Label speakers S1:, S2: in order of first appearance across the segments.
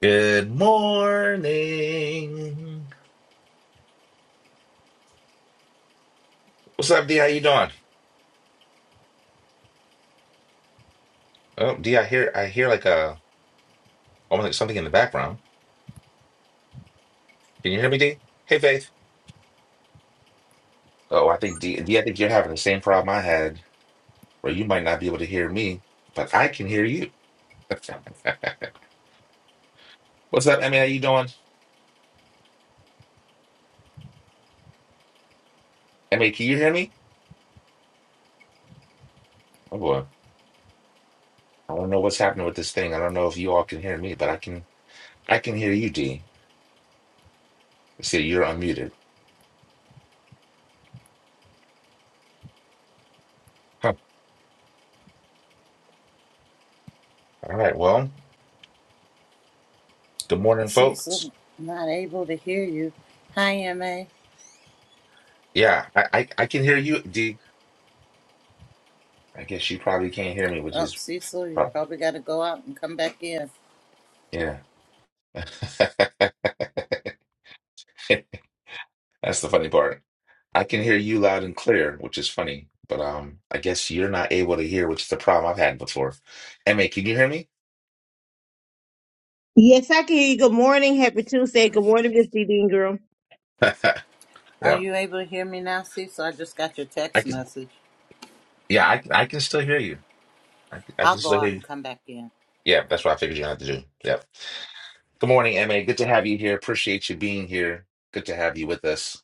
S1: Good morning. What's up, D? How you doing? Oh, D, I hear I hear like a almost like something in the background. Can you hear me, D? Hey, Faith. Oh, I think D, D, I think you're having the same problem I had, where you might not be able to hear me, but I can hear you. What's up, Emmy? How you doing? Emmy, can you hear me? Oh boy, I don't know what's happening with this thing. I don't know if you all can hear me, but I can I can hear you, D. See, you're unmuted. Huh. All right. Well, good morning, folks.
S2: Cecil, not able to hear you. Hi, MA.
S1: Yeah, I I, I can hear you, D. I guess you probably can't hear me, which
S2: Oh,
S1: is
S2: Cecil, you
S1: prob-
S2: probably got to go out and come back in.
S1: yeah. That's the funny part. I can hear you loud and clear, which is funny, but um, I guess you're not able to hear, which is the problem I've had before. Emma, can you hear me?
S3: Yes, I can hear you. Good morning. Happy Tuesday. Good morning, Miss D. Ingram.
S2: Are
S1: Yeah,
S2: you able to hear me now, Cecil? I just got your
S1: I
S2: text
S1: can.
S2: message.
S1: Yeah, I I can still hear you. I can- I
S2: I'll
S1: can
S2: go
S1: still
S2: out
S1: hear you.
S2: and come back in.
S1: Yeah, that's what I figured you had to do. Yeah. Good morning, Emma. Good to have you here. Appreciate you being here. Good to have you with us.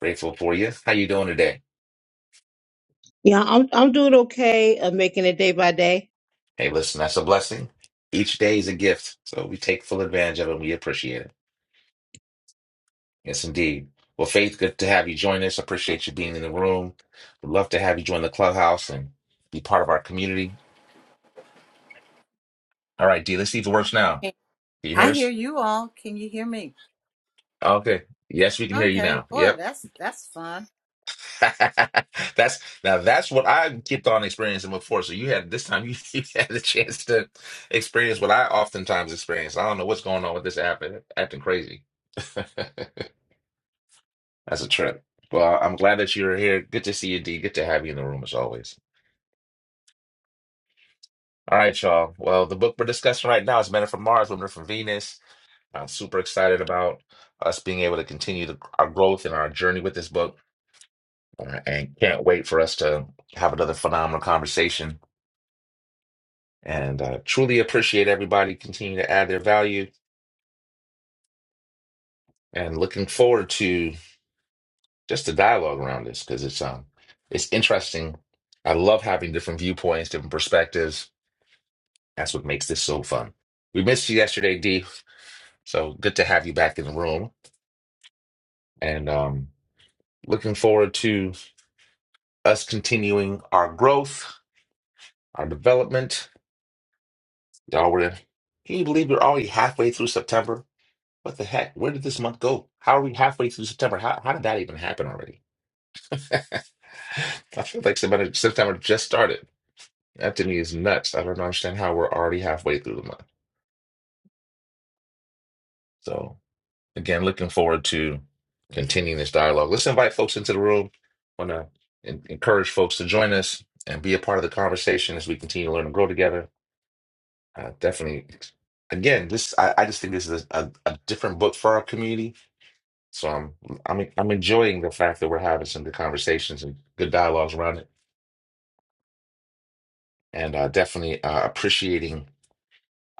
S1: Grateful for you. How you doing today?
S3: Yeah, I'm I'm doing okay. I'm making it day by day.
S1: Hey, listen, that's a blessing. Each day is a gift, so we take full advantage of it. We appreciate it. Yes, indeed. Well, Faith, good to have you join us. Appreciate you being in the room. Would love to have you join the clubhouse and be part of our community. All right, D, let's see if it works now.
S2: Hey,
S1: Can you hear
S2: I hear
S1: us?
S2: you all. Can you hear me?
S1: Okay. Yes, we can hear you
S2: Okay,
S1: now.
S2: boy,
S1: Yep.
S2: that's that's fun.
S1: that's now that's what I kept on experiencing before. So you had this time you, you had the chance to experience what I oftentimes experience. I don't know what's going on with this app. It- Acting crazy. That's a trip. Well, I'm glad that you're here. Good to see you, D. Good to have you in the room as always. All right, y'all. Well, the book we're discussing right now is Men Are from Mars, Women Are from Venus. I'm super excited about us being able to continue the, our growth and our journey with this book, uh, and can't wait for us to have another phenomenal conversation. And uh, truly appreciate everybody continuing to add their value, and looking forward to just the dialogue around this because it's um it's interesting. I love having different viewpoints, different perspectives That's what makes this so fun. We missed you yesterday, D. So good to have you back in the room. And um, looking forward to us continuing our growth, our development. Y'all were can you believe we're already halfway through September? What the heck? Where did this month go? How are we halfway through September? How, how did that even happen already? I feel like September, September just started. That to me is nuts. I don't understand how we're already halfway through the month. So Again, looking forward to continuing this dialogue. Let's invite folks into the room. want to encourage folks to join us and be a part of the conversation as we continue to learn and grow together. Uh, definitely. Again, this I, I just think this is a, a, a different book for our community. So I'm I'm I'm enjoying the fact that we're having some good conversations and good dialogues around it, and uh, definitely uh, appreciating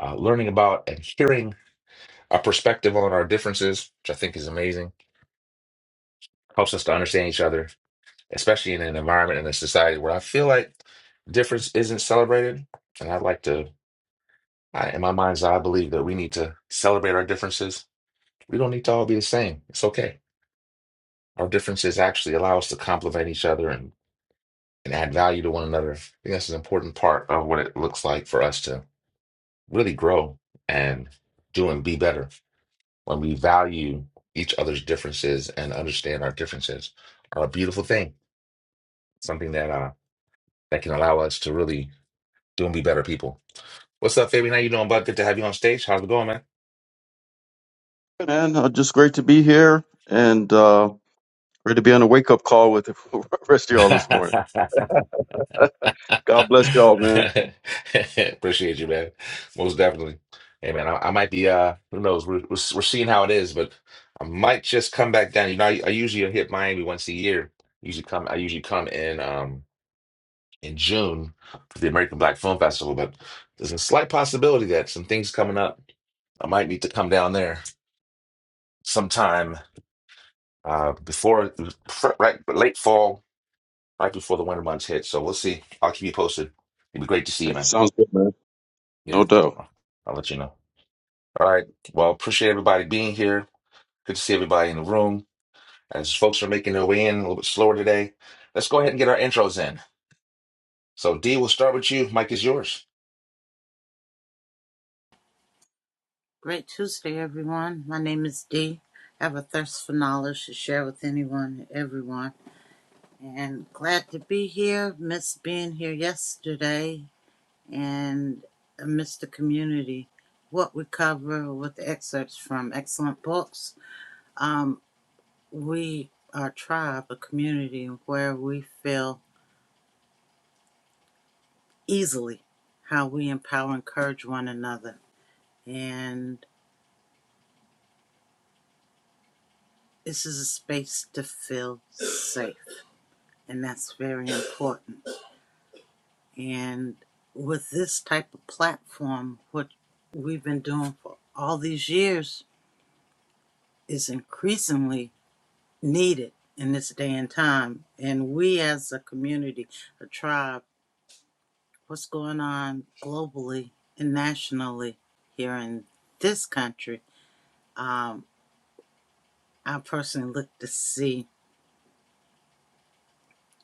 S1: uh, learning about and hearing a perspective on our differences, which I think is amazing. Helps us to understand each other especially in an environment and a society where I feel like difference isn't celebrated. And I'd like to, I, in my mind's eye, I believe that we need to celebrate our differences. We don't need to all be the same. It's okay. Our differences actually allow us to complement each other and, and add value to one another. I think that's an important part of what it looks like for us to really grow and do and be better when we value each other's differences and understand our differences are a beautiful thing. Something that uh, that can allow us to really do and be better people. What's up, Fabian? How you doing, bud? Good to have you on stage. How's it going, man?
S4: man. Uh, just great to be here and uh, ready to be on a wake up call with the rest of y'all this morning. God bless y'all, man.
S1: Appreciate you, man. Most definitely. Hey, man, I, I might be, uh, who knows? We're, we're, we're seeing how it is, but I might just come back down. You know, I, I usually hit Miami once a year. Usually come, I usually come in, um, in June for the American Black Film Festival, but there's a slight possibility that some things coming up, I might need to come down there sometime, uh, before, right, late fall right before the winter months hit. So we'll see. I'll keep you posted. It'd be great to see you,
S4: It
S1: man.
S4: sounds good, man.
S1: Yeah.
S4: No doubt.
S1: I'll I'll let you know. All right. Well, appreciate everybody being here. Good to see everybody in the room. As folks are making their way in a little bit slower today, let's go ahead and get our intros in. So, D, we'll start with you. Mike is yours.
S2: Great Tuesday, everyone. My name is Dee. I have a thirst for knowledge to share with anyone, everyone, and glad to be here. Missed being here yesterday and amidst the community. What we cover with the excerpts from excellent books. Um, we are a tribe, a community where we feel easily how we empower and encourage one another. And this is a space to feel safe, and that's very important. And with this type of platform, what we've been doing for all these years is increasingly needed in this day and time. And we as a community, a tribe, what's going on globally and nationally here in this country, um, I personally look to see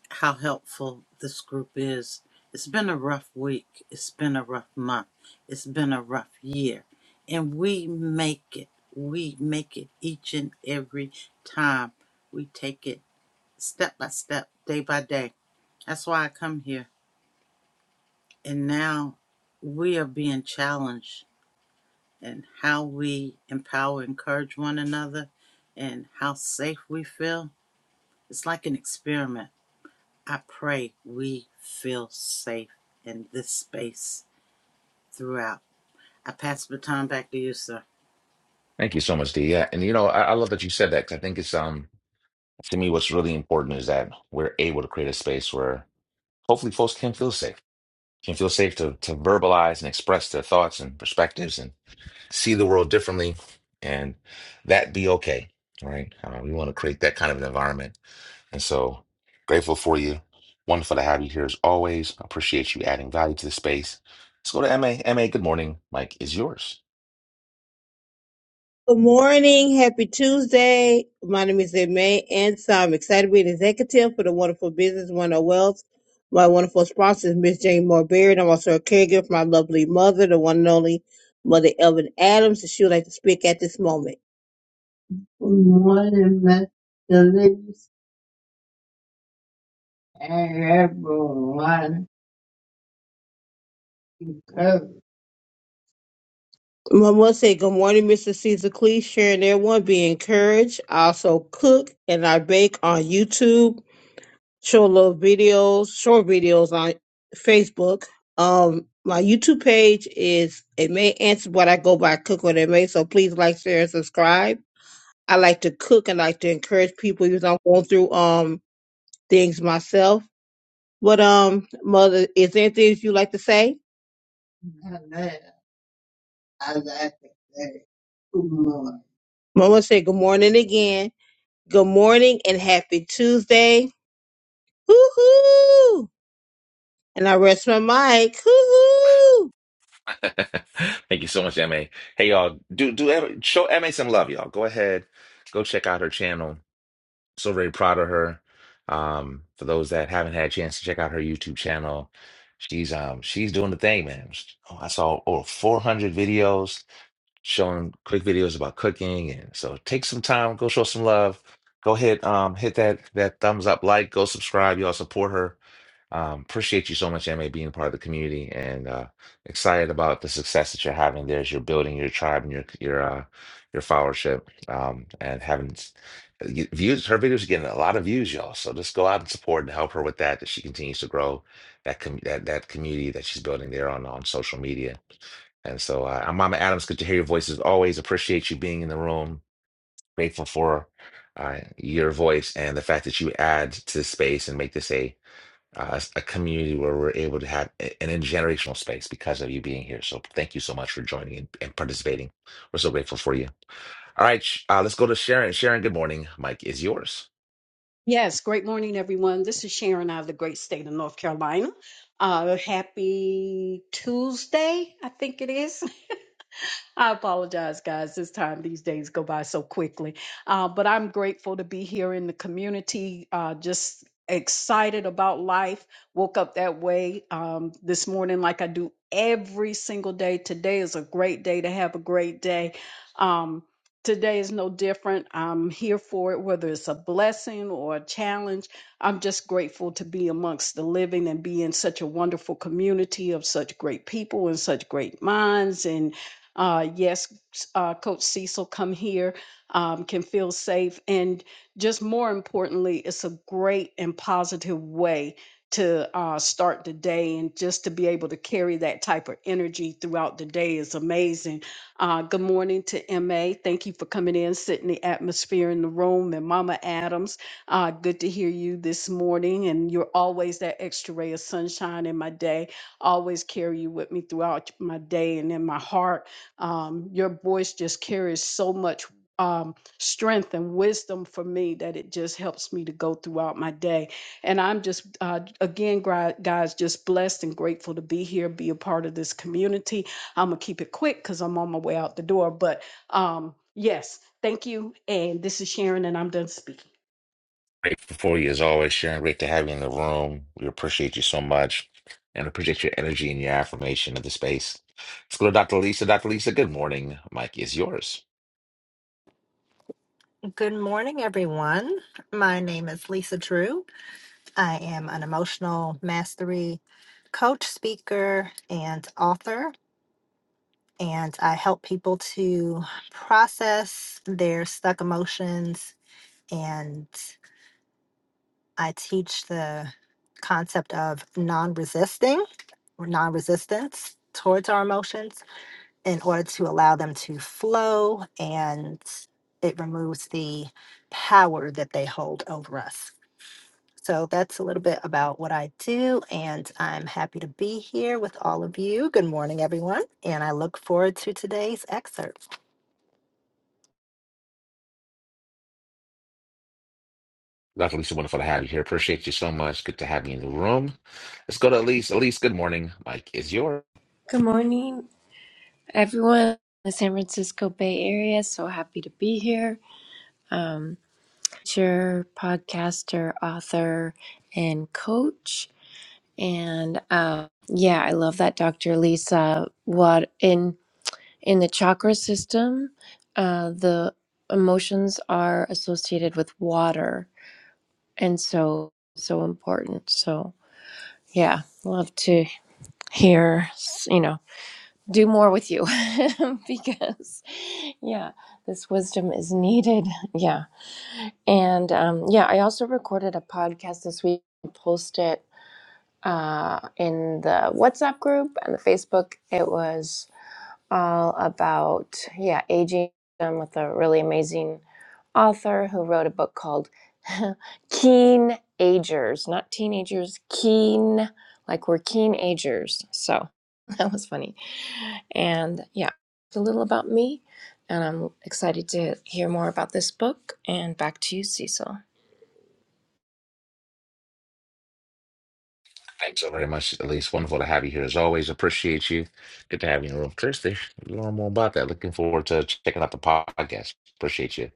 S2: how helpful this group is. It's been a rough week. It's been a rough month. It's been a rough year. And we make it. We make it each and every time. We take it step by step, day by day. That's why I come here And now we are being challenged in how we empower, encourage one another, and how safe we feel. It's like an experiment. I pray we feel safe in this space throughout. I pass the baton back to you, sir.
S1: Thank you so much, D. Yeah, and you know, I, I love that you said that because I think it's um to me what's really important is that we're able to create a space where hopefully folks can feel safe, can feel safe to to verbalize and express their thoughts and perspectives and. see the world differently and that be okay All right uh, we want to create that kind of an environment and so grateful for you wonderful to have you here as always appreciate you adding value to the space let's go to ma ma good morning mike is yours
S3: Good morning. Happy Tuesday. My name is May, and so I'm excited to be an executive for the wonderful business One of Wealth. My wonderful sponsor is Miss Jane Moore Baird. I'm also a caregiver for my lovely mother, the one and only Mother Elvin Adams, and she would like to speak at this moment. Good morning, Mr. Lewis and everyone. I want to say good morning, Mr. Caesar Clee, sharing everyone. Be encouraged. I also cook and I bake on YouTube, show little videos, short videos on Facebook. Um, my YouTube page is it may answer what I go by cook what it may. So please like, share, and subscribe. I like to cook and like to encourage people. You know, I'm going through um things myself. But um, mother, is there anything you like to say? Amen. I like to say, good morning. Mama said good morning again. Good morning and happy Tuesday. Hoo-hoo! And I rest my mic. Hoo-hoo!
S1: thank you so much ma hey y'all do do ever show ma some love y'all go ahead go check out her channel so very proud of her. Um, for those that haven't had a chance to check out her YouTube channel, she's um she's doing the thing, man. She- oh, I saw over 400 videos showing quick videos about cooking, and so take some time, go show some love. Go hit um hit that that thumbs up, like, go subscribe. Y'all support her. Um, appreciate you so much, Emma, being part of the community and uh, excited about the success that you're having there as you're building your tribe and your your uh, your followership um, and having s- y- views. Her videos are getting a lot of views, y'all. So just go out and support and help her with that, that she continues to grow that com- that that community that she's building there on on social media. And so, uh, I'm Mama Adams. Good to hear your voice as always. Appreciate you being in the room. Grateful for uh, your voice and the fact that you add to the space and make this a uh, a community where we're able to have a- an intergenerational space because of you being here. So thank you so much for joining and, and participating. We're so grateful for you. All right, Sh- uh, let's go to Sharon. Sharon, good morning. Mike is yours.
S5: Yes, great morning, everyone. This is Sharon out of the great state of North Carolina. Uh, happy Tuesday, I think it is. I apologize, guys. This time, these days go by so quickly. Uh, but I'm grateful to be here in the community. Uh, just excited about life. Woke up that way um, this morning, like I do every single day. Today is a great day to have a great day. Um, today is no different. I'm here for it, whether it's a blessing or a challenge. I'm just grateful to be amongst the living and be in such a wonderful community of such great people and such great minds. And uh, yes, uh, Coach Cecil, come here, um, can feel safe. And just more importantly, it's a great and positive way to uh, start the day. And just to be able to carry that type of energy throughout the day is amazing. Uh, good morning to MA. Thank you for coming in, setting the atmosphere in the room. And Mama Adams, uh, good to hear you this morning. And you're always that extra ray of sunshine in my day. Always carry you with me throughout my day and in my heart um, your voice just carries so much um, strength and wisdom for me that it just helps me to go throughout my day. And I'm just, uh, again, gri- guys, just blessed and grateful to be here, be a part of this community. I'm going to keep it quick because I'm on my way out the door. But um, yes, thank you. And this is Sharon, and I'm done speaking.
S1: Grateful for you as always, Sharon. Great to have you in the room. We appreciate you so much and appreciate your energy and your affirmation of the space. Let's go to Dr. Lisa. Dr. Lisa, good morning. Mike is yours.
S6: Good morning, everyone. My name is Lisa Drew. I am an emotional mastery coach, speaker, and author, and I help people to process their stuck emotions. And I teach the concept of non resisting or non resistance towards our emotions in order to allow them to flow and it removes the power that they hold over us. So that's a little bit about what I do, and I'm happy to be here with all of you. Good morning, everyone, and I look forward to today's excerpt.
S1: Dr. Lisa, wonderful to have you here. Appreciate you so much. Good to have you in the room. Let's go to Elise. Elise, good morning. Mike is yours.
S7: Good morning, everyone in the San Francisco Bay Area. So happy to be here. Um, teacher, podcaster, author, and coach. And uh, yeah, I love that, Dr. Lisa. What in in the chakra system, uh, the emotions are associated with water, and so so important. So yeah, love to hear you know do more with you because yeah this wisdom is needed yeah and um, yeah i also recorded a podcast this week and posted it uh, in the whatsapp group and the facebook it was all about yeah aging with a really amazing author who wrote a book called Keen Agers, not teenagers, keen, like we're keen agers. So that was funny. And yeah, a little about me. And I'm excited to hear more about this book. And back to you, Cecil.
S1: Thanks so very much, Elise. Wonderful to have you here as always. Appreciate you. Good to have you in the room. Christy, learn more about that. Looking forward to checking out the podcast. Appreciate you.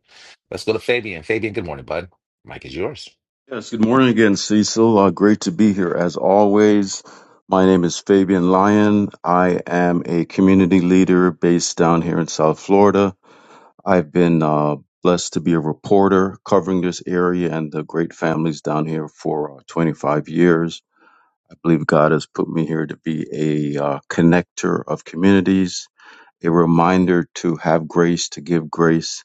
S1: Let's go to Fabian. Fabian, good morning, bud. Mike is yours.
S4: Yes, good morning again, Cecil. Uh, great to be here as always. My name is Fabian Lyon. I am a community leader based down here in South Florida. I've been uh, blessed to be a reporter covering this area and the great families down here for uh, 25 years. I believe God has put me here to be a uh, connector of communities, a reminder to have grace, to give grace,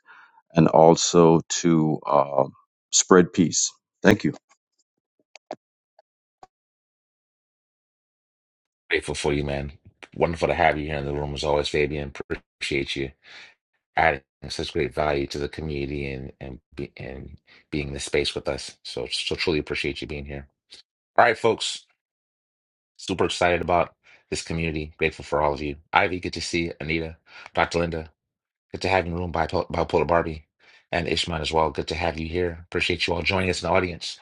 S4: and also to uh, spread peace. Thank you.
S1: Grateful for you, man. Wonderful to have you here in the room as always, Fabian. Appreciate you adding such great value to the community and and, be, and being in the space with us. So, so truly appreciate you being here. All right, folks. Super excited about this community. Grateful for all of you. Ivy, good to see you. Anita, Dr. Linda. Good to have you in the room, Bipo- Bipolar Barbie, and Ishman as well. Good to have you here. Appreciate you all joining us in the audience.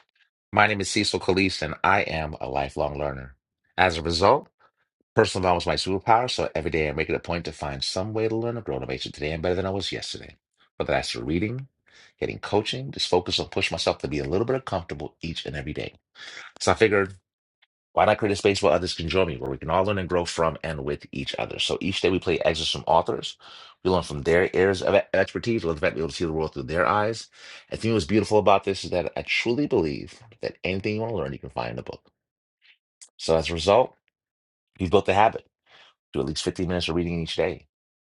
S1: My name is Cecil Caliste, and I am a lifelong learner. As a result, personal development is my superpower, so every day I make it a point to find some way to learn or grow to make it today and better than I was yesterday. Whether that's through reading, getting coaching, just focus on pushing myself to be a little bit uncomfortable each and every day. So I figured why not create a space where others can join me, where we can all learn and grow from and with each other? So each day we play excerpts from authors. We learn from their areas of e- expertise. We love the fact we're able to see the world through their eyes. I think what's beautiful about this is that I truly believe that anything you want to learn, you can find in a book. So as a result, we've built the habit. to at least 15 minutes of reading each day.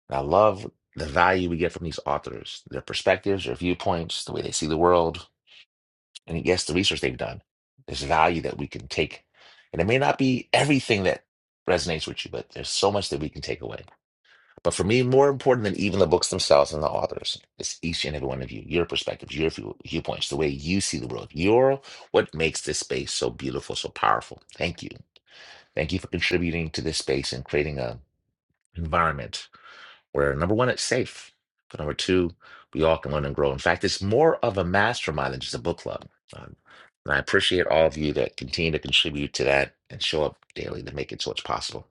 S1: And I love the value we get from these authors, their perspectives, their viewpoints, the way they see the world, and yes, the research they've done, there's value that we can take. And it may not be everything that resonates with you, but there's so much that we can take away. But for me, more important than even the books themselves and the authors, is each and every one of you, your perspectives, your view, viewpoints, the way you see the world, your what makes this space so beautiful, so powerful. Thank you. Thank you for contributing to this space and creating a environment where number one, it's safe. But number two, we all can learn and grow. In fact, it's more of a mastermind than just a book club. Um, and I appreciate all of you that continue to contribute to that and show up daily to make it so it's possible.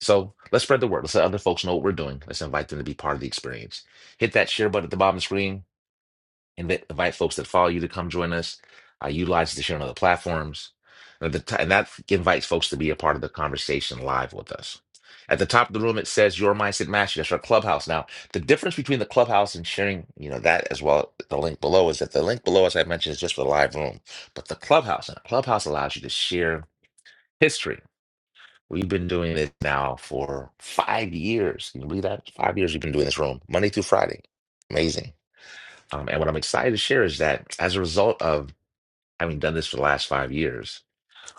S1: So let's spread the word. Let's let other folks know what we're doing. Let's invite them to be part of the experience. Hit that share button at the bottom of the screen Invite, invite folks that follow you to come join us. Uh, utilize it to share on other platforms. And, at the ti- and that invites folks to be a part of the conversation live with us. At the top of the room, it says Your Mindset Mastery. That's our clubhouse. Now, the difference between the clubhouse and sharing, you know, that as well, the link below is that the link below, as I mentioned, is just for the live room. But the clubhouse, and the clubhouse allows you to share history. We've been doing this now for five years. Can you believe that? Five years we've been doing this room, Monday through Friday. Amazing. Um, and what I'm excited to share is that as a result of having done this for the last five years,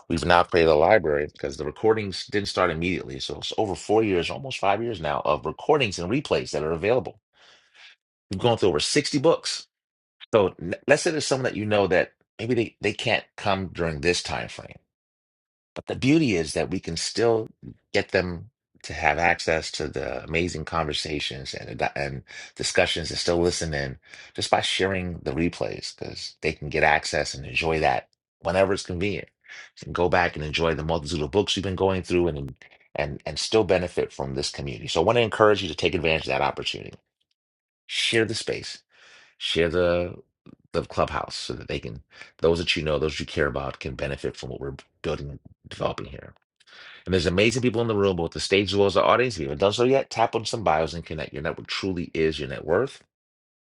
S1: we've now created a library because the recordings didn't start immediately. So it's over four years, almost five years now, of recordings and replays that are available. We've gone through over 60 books. So n- let's say there's someone that you know that maybe they, they can't come during this time frame. But the beauty is that we can still get them to have access to the amazing conversations and and discussions and still listen in just by sharing the replays because they can get access and enjoy that whenever it's convenient. You can go back and enjoy the multitude of books you've been going through and and and still benefit from this community. So I want to encourage you to take advantage of that opportunity. Share the space, share the the clubhouse so that they can those that you know, those you care about can benefit from what we're building and developing here. And there's amazing people in the room, both the stage as well as the audience. If you haven't done so yet, tap on some bios and connect. Your network truly is your net worth.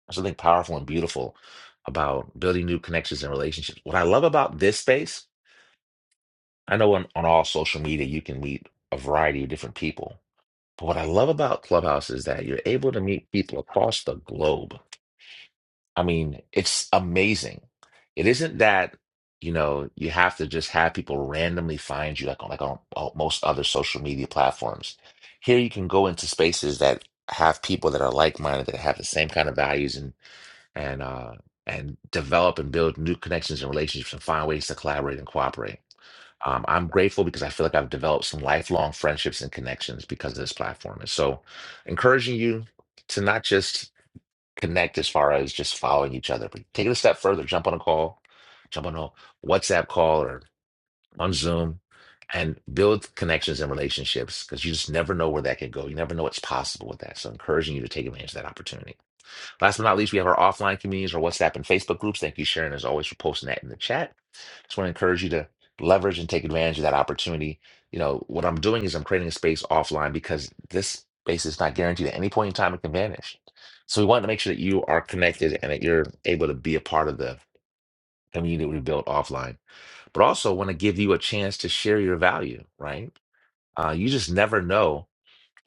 S1: There's something powerful and beautiful about building new connections and relationships. What I love about this space, I know on, on all social media you can meet a variety of different people. But what I love about Clubhouse is that you're able to meet people across the globe. I mean, it's amazing. It isn't that, you know, you have to just have people randomly find you like on like on on most other social media platforms. Here you can go into spaces that have people that are like-minded, that have the same kind of values and and uh and develop and build new connections and relationships and find ways to collaborate and cooperate. Um, I'm grateful because I feel like I've developed some lifelong friendships and connections because of this platform. And so encouraging you to not just connect as far as just following each other. But take it a step further, jump on a call, jump on a WhatsApp call or on Zoom and build connections and relationships because you just never know where that can go. You never know what's possible with that. So encouraging you to take advantage of that opportunity. Last but not least, we have our offline communities, our WhatsApp and Facebook groups. Thank you, Sharon, as always, for posting that in the chat. Just want to encourage you to leverage and take advantage of that opportunity. You know, what I'm doing is I'm creating a space offline because this space is not guaranteed at any point in time it can vanish. So we want to make sure that you are connected and that you're able to be a part of the community we built offline. But also want to give you a chance to share your value, right? Uh, you just never know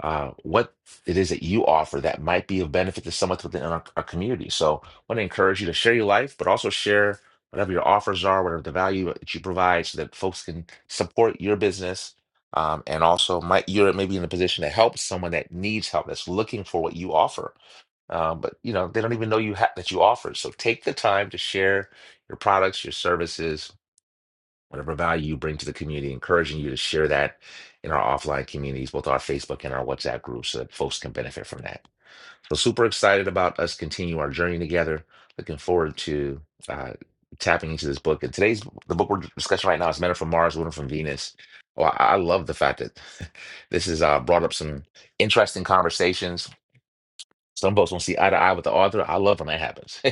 S1: uh, what it is that you offer that might be of benefit to someone within our, our community. So I want to encourage you to share your life, but also share whatever your offers are, whatever the value that you provide so that folks can support your business. Um, and also might you're maybe in a position to help someone that needs help, that's looking for what you offer. Um, but you know, they don't even know you ha that you offer. So take the time to share your products, your services, whatever value you bring to the community, encouraging you to share that in our offline communities, both our Facebook and our WhatsApp groups, so that folks can benefit from that. So super excited about us continue our journey together. Looking forward to uh, tapping into this book. And today's the book we're discussing right now is Men Are from Mars, Women Are from Venus. Well, I I love the fact that this has uh, brought up some interesting conversations some folks won't see eye to eye with the author. I love when that happens.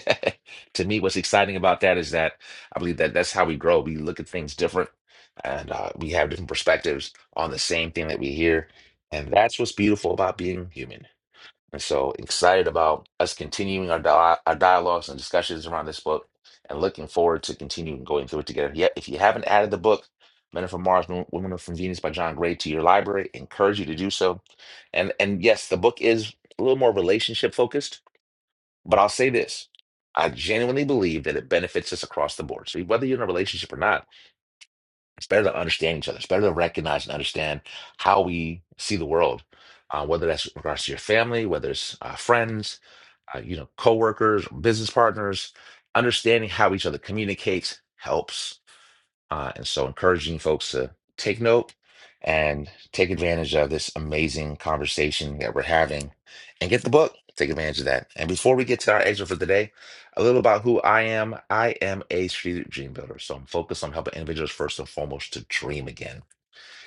S1: To me, what's exciting about that is that I believe that that's how we grow. We look at things different and uh, we have different perspectives on the same thing that we hear. And that's what's beautiful about being human. And so excited about us continuing our, dia- our dialogues and discussions around this book and looking forward to continuing going through it together. Yet, if you haven't added the book, Men Are from Mars, Wo- Women Are from Venus by John Gray to your library, encourage you to do so. And and yes, the book is a little more relationship focused, but I'll say this. I genuinely believe that it benefits us across the board. So whether you're in a relationship or not, it's better to understand each other. It's better to recognize and understand how we see the world, uh, whether that's with regards to your family, whether it's uh, friends, uh, you know, coworkers, business partners. Understanding how each other communicates helps uh, and so, encouraging folks to take note and take advantage of this amazing conversation that we're having and get the book. Take advantage of that. And before we get to our exit for today, a little about who I am. I am a strategic dream builder. So I'm focused on helping individuals first and foremost to dream again.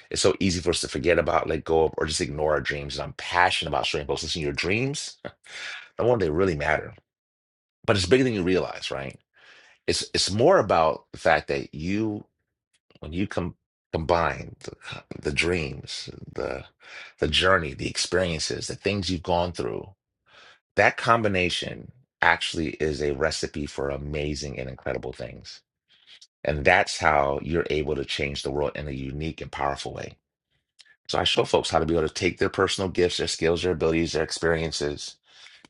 S1: It's so easy for us to forget about, let go of, or just ignore our dreams. And I'm passionate about showing folks, listen, your dreams, the one they really matter. But it's bigger than you realize, right? It's it's more about the fact that you when you com combine the, the dreams, the the journey, the experiences, the things you've gone through, that combination actually is a recipe for amazing and incredible things. And that's how you're able to change the world in a unique and powerful way. So I show folks how to be able to take their personal gifts, their skills, their abilities, their experiences,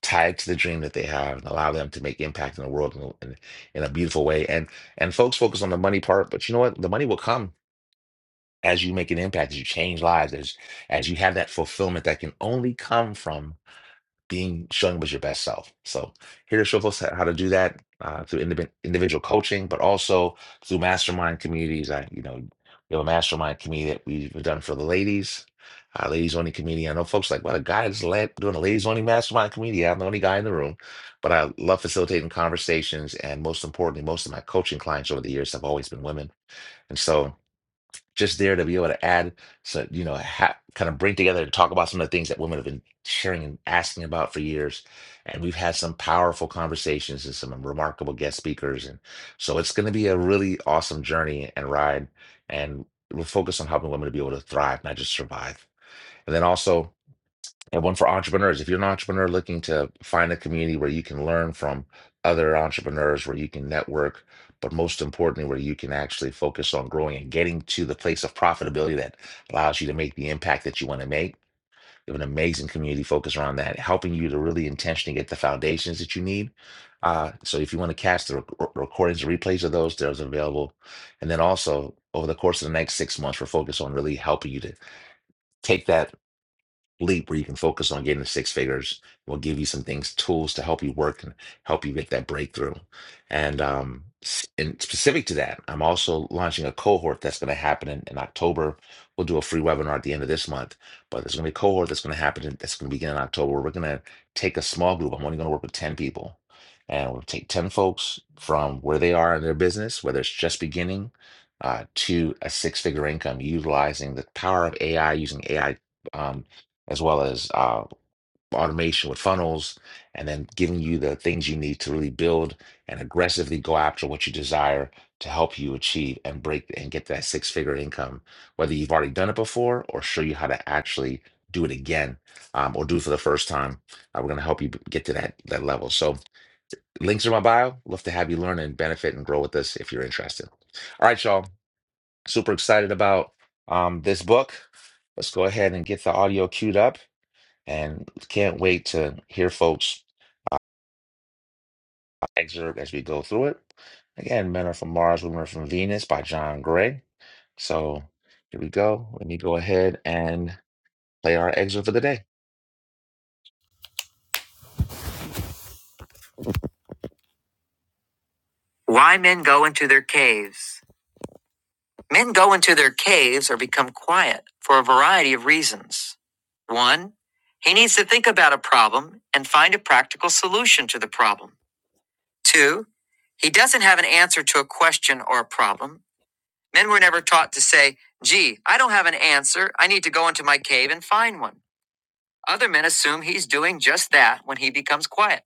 S1: tie it to the dream that they have, and allow them to make impact in the world in, in, in a beautiful way. And and folks focus on the money part, but you know what? The money will come as you make an impact, as you change lives, as as you have that fulfillment that can only come from being showing up as your best self. So here to show folks how how to do that uh, through indiv- individual coaching, but also through mastermind communities. I you know we have a mastermind community that we've done for the ladies. Uh, ladies only community. I know folks like, well, a guy is led doing a ladies only mastermind community. I'm the only guy in the room, but I love facilitating conversations. And most importantly, most of my coaching clients over the years have always been women. And so just there to be able to add, so you know, ha- kind of bring together and talk about some of the things that women have been sharing and asking about for years. And we've had some powerful conversations and some remarkable guest speakers, and so it's going to be a really awesome journey and ride. And we'll focus on helping women to be able to thrive, not just survive. And then also and one for entrepreneurs. If you're an entrepreneur looking to find a community where you can learn from other entrepreneurs, where you can network, but most importantly, where you can actually focus on growing and getting to the place of profitability that allows you to make the impact that you want to make. We have an amazing community focused around that, helping you to really intentionally get the foundations that you need. Uh, so if you want to catch the rec- recordings, the replays of those, there's available. And then also over the course of the next six months, we're focused on really helping you to take that leap where you can focus on getting to six figures. We'll give you some things, tools to help you work and help you get that breakthrough. And um, s- and specific to that, I'm also launching a cohort that's going to happen in, in October. We'll do a free webinar at the end of this month, but there's going to be a cohort that's going to happen in, that's going to begin in October. We're going to take a small group. I'm only going to work with 10 people. And we'll take 10 folks from where they are in their business, whether it's just beginning uh, to a six figure income, utilizing the power of AI, using AI as well as uh, automation with funnels, and then giving you the things you need to really build and aggressively go after what you desire to help you achieve and break and get that six figure income, whether you've already done it before or show you how to actually do it again um, or do it for the first time. Uh, we're going to help you b- get to that, that level. So, links are in my bio. Love to have you learn and benefit and grow with us if you're interested. All right, y'all. Super excited about um, this book. Let's go ahead and get the audio queued up and can't wait to hear folks excerpt as we go through it. Again, Men Are From Mars, Women Are From Venus by John Gray. So here we go. Let me go ahead and play our excerpt for the day. Why men go into their caves. Men go into their caves or become quiet for a variety of reasons. One, he needs to think about a problem and find a practical solution to the problem. Two, he doesn't have an answer to a question or a problem Men were never taught to say, Gee, I don't have an answer. I need to go into my cave and find one. Other men assume he's doing just that when he becomes quiet.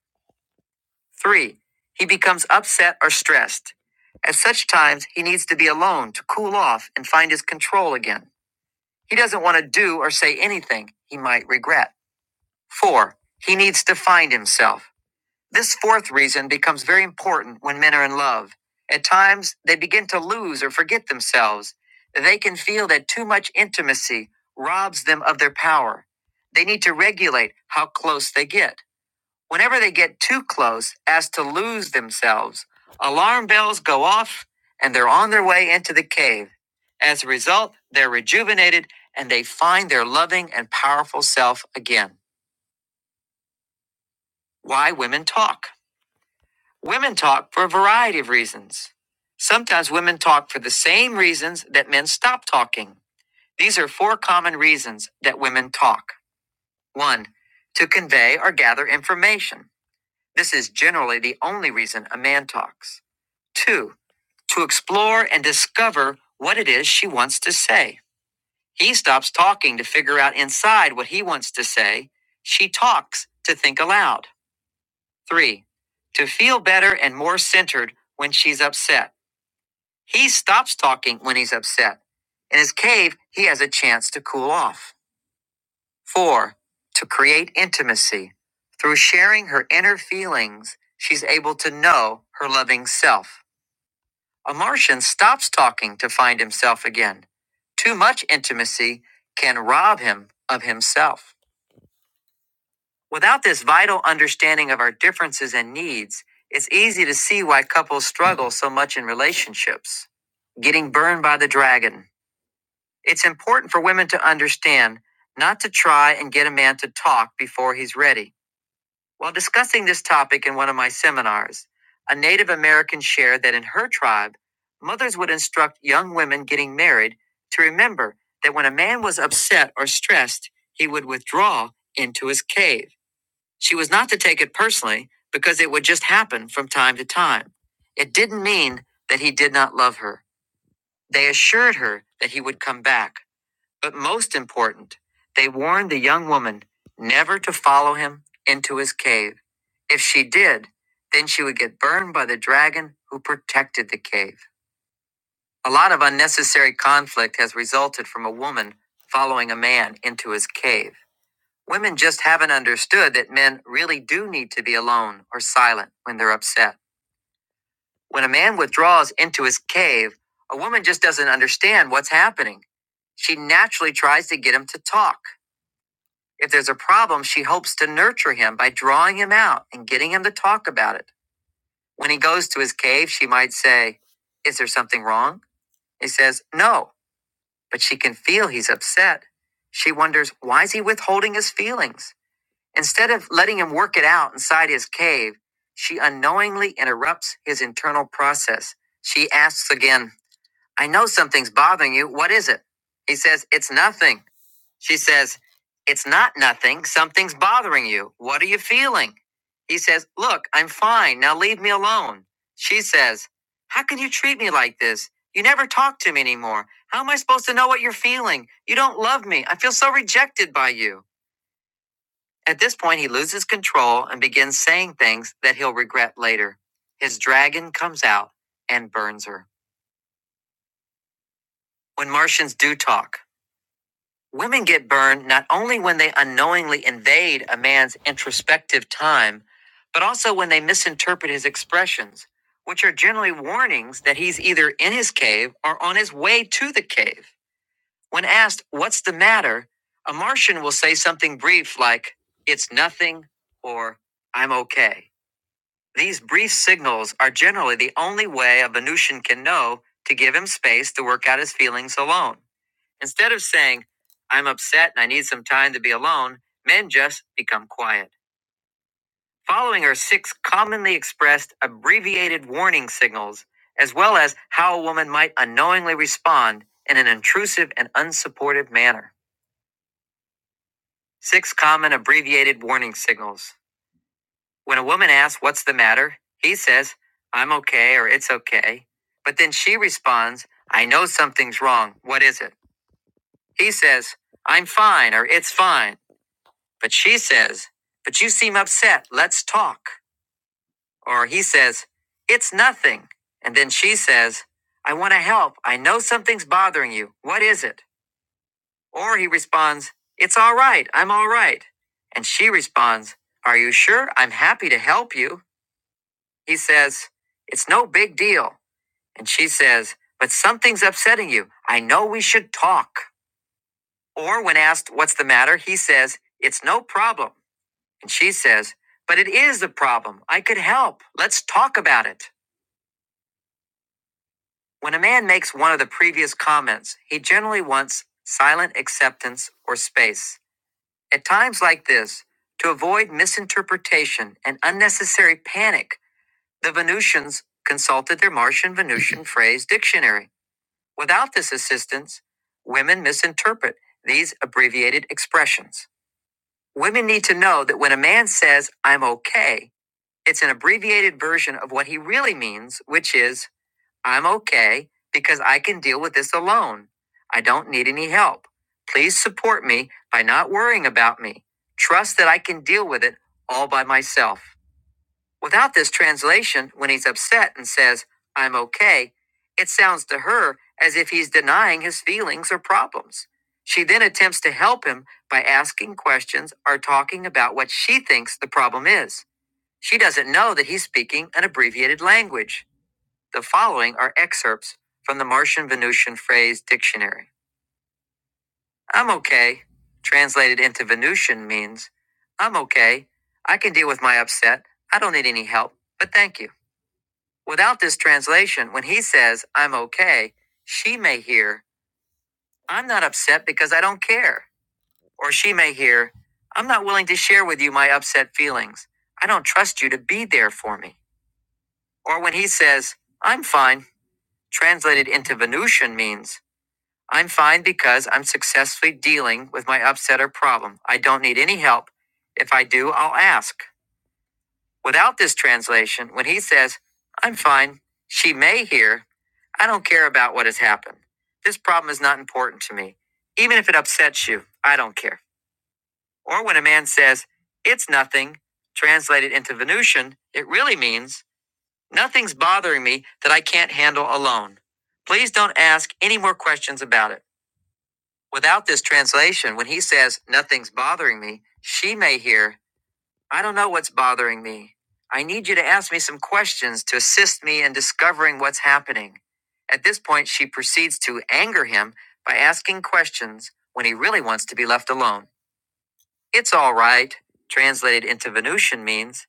S1: Three, he becomes upset or stressed. At such times, he needs to be alone to cool off and find his control again. He doesn't want to do or say anything he might regret. Four, he needs to find himself. This fourth reason becomes very important when men are in love. At times, they begin to lose or forget themselves. They can feel that too much intimacy robs them of their power. They need to regulate how close they get. Whenever they get too close as to lose themselves, alarm bells go off and they're on their way into the cave. As a result, they're rejuvenated and they find their loving and powerful self again. Why women talk. Women talk for a variety of reasons. Sometimes women talk for the same reasons that men stop talking. These are four common reasons that women talk. One, to convey or gather information. This is generally the only reason a man talks. Two, to explore and discover what it is she wants to say. He stops talking to figure out inside what he wants to say. She talks to think aloud. Three, to feel better and more centered when she's upset. He stops talking when he's upset. In his cave, he has a chance to cool off. Four, to create intimacy. Through sharing her inner feelings, she's able to know her loving self. A Martian stops talking to find himself again. Too much intimacy can rob him of himself. Without this vital understanding of our differences and needs, it's easy to see why couples struggle so much in relationships. Getting burned by the dragon. It's important for women to understand not to try and get a man to talk before he's ready. While discussing this topic in one of my seminars, a Native American shared that in her tribe, mothers would instruct young women getting married to remember that when a man was upset or stressed, he would withdraw into his cave. She was not to take it personally because it would just happen from time to time. It didn't mean that he did not love her. They assured her that he would come back. But most important, they warned the young woman never to follow him into his cave. If she did, then she would get burned by the dragon who protected the cave. A lot of unnecessary conflict has resulted from a woman following a man into his cave. Women just haven't understood that men really do need to be alone or silent when they're upset. When a man withdraws into his cave, a woman just doesn't understand what's happening. She naturally tries to get him to talk If there's a problem, she hopes to nurture him by drawing him out and getting him to talk about it. When he goes to his cave, she might say, Is there something wrong? He says, No, but she can feel he's upset. She wonders, Why is he withholding his feelings? Instead of letting him work it out inside his cave, she unknowingly interrupts his internal process. She asks again, I know something's bothering you. What is it? He says, It's nothing. She says, It's not nothing. Something's bothering you. What are you feeling? He says, Look, I'm fine. Now leave me alone. She says, How can you treat me like this? You never talk to me anymore. How am I supposed to know what you're feeling? You don't love me. I feel so rejected by you. At this point, he loses control and begins saying things that he'll regret later. His dragon comes out and burns her. When Martians do talk, Women get burned not only when they unknowingly invade a man's introspective time, but also when they misinterpret his expressions, which are generally warnings that he's either in his cave or on his way to the cave. When asked, What's the matter? a Martian will say something brief like, It's nothing, or I'm okay. These brief signals are generally the only way a Venusian can know to give him space to work out his feelings alone. Instead of saying, I'm upset and I need some time to be alone, men just become quiet. Following are six commonly expressed abbreviated warning signals, as well as how a woman might unknowingly respond in an intrusive and unsupportive manner. Six common abbreviated warning signals. When a woman asks, What's the matter? he says, I'm okay or it's okay. But then she responds, I know something's wrong. What is it? He says, I'm fine or it's fine. But she says, But you seem upset. Let's talk. Or he says, It's nothing. And then she says, I want to help. I know something's bothering you. What is it? Or he responds, It's all right. I'm all right. And she responds, Are you sure? I'm happy to help you. He says, It's no big deal. And she says, But something's upsetting you. I know we should talk. Or when asked, What's the matter? He says, It's no problem. And she says, But it is a problem. I could help. Let's talk about it. When a man makes one of the previous comments, he generally wants silent acceptance or space. At times like this, to avoid misinterpretation and unnecessary panic, the Venusians consulted their Martian Venusian phrase dictionary. Without this assistance, women misinterpret these abbreviated expressions. Women need to know that when a man says, I'm okay, It's an abbreviated version of what he really means, which is I'm okay because I can deal with this alone. I don't need any help. Please support me by not worrying about me. Trust that I can deal with it all by myself. Without this translation, when he's upset and says, I'm okay, it sounds to her as if he's denying his feelings or problems. She then attempts to help him by asking questions or talking about what she thinks the problem is. She doesn't know that he's speaking an abbreviated language. The following are excerpts from the Martian Venusian phrase dictionary. I'm okay, translated into Venusian, means I'm okay. I can deal with my upset. I don't need any help, but thank you. Without this translation, when he says I'm okay, she may hear I'm not upset because I don't care. Or she may hear I'm not willing to share with you my upset feelings. I don't trust you to be there for me. Or when he says, I'm fine. translated into Venusian means I'm fine because I'm successfully dealing with my upset or problem. I don't need any help. If I do, I'll ask. Without this translation, when he says, I'm fine, she may hear, I don't care about what has happened. This problem is not important to me. Even if it upsets you, I don't care. Or when a man says, It's nothing, translated into Venusian, it really means Nothing's bothering me that I can't handle alone. Please don't ask any more questions about it. Without this translation, when he says, Nothing's bothering me, she may hear, I don't know what's bothering me. I need you to ask me some questions to assist me in discovering what's happening. At this point, she proceeds to anger him by asking questions when he really wants to be left alone. It's all right, translated into Venusian, means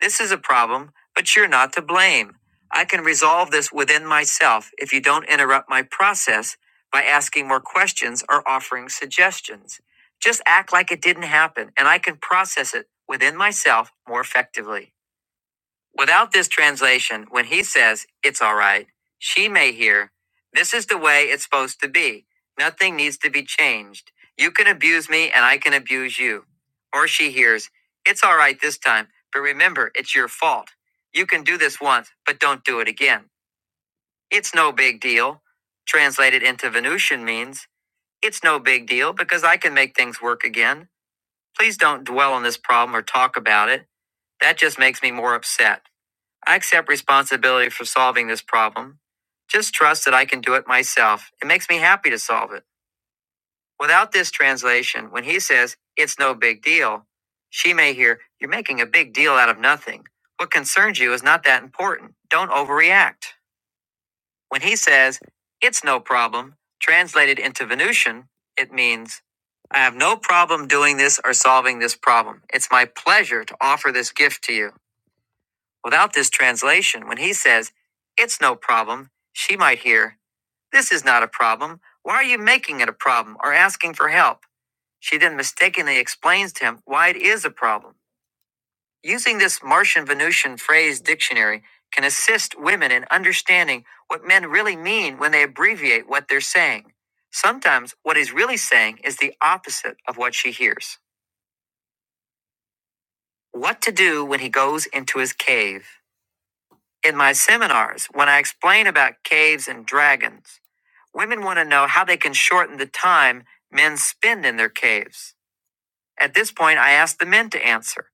S1: this is a problem, but you're not to blame. I can resolve this within myself if you don't interrupt my process by asking more questions or offering suggestions. Just act like it didn't happen, and I can process it within myself more effectively. Without this translation, when he says, it's all right, she may hear, this is the way it's supposed to be. Nothing needs to be changed. You can abuse me and I can abuse you. Or she hears, it's all right this time, but remember, it's your fault. You can do this once, but don't do it again. It's no big deal. Translated into Venusian means, it's no big deal because I can make things work again. Please don't dwell on this problem or talk about it. That just makes me more upset. I accept responsibility for solving this problem. Just trust that I can do it myself. It makes me happy to solve it. Without this translation, when he says, it's no big deal, she may hear, you're making a big deal out of nothing. What concerns you is not that important. Don't overreact. When he says, it's no problem, translated into Venusian, it means, I have no problem doing this or solving this problem. It's my pleasure to offer this gift to you. Without this translation, when he says, It's no problem, she might hear, This is not a problem. Why are you making it a problem or asking for help? She then mistakenly explains to him why it is a problem. Using this Martian Venusian phrase dictionary can assist women in understanding what men really mean when they abbreviate what they're saying. Sometimes what he's really saying is the opposite of what she hears. What to do when he goes into his cave. In my seminars, when I explain about caves and dragons, women want to know how they can shorten the time men spend in their caves. At this point, I ask the men to answer,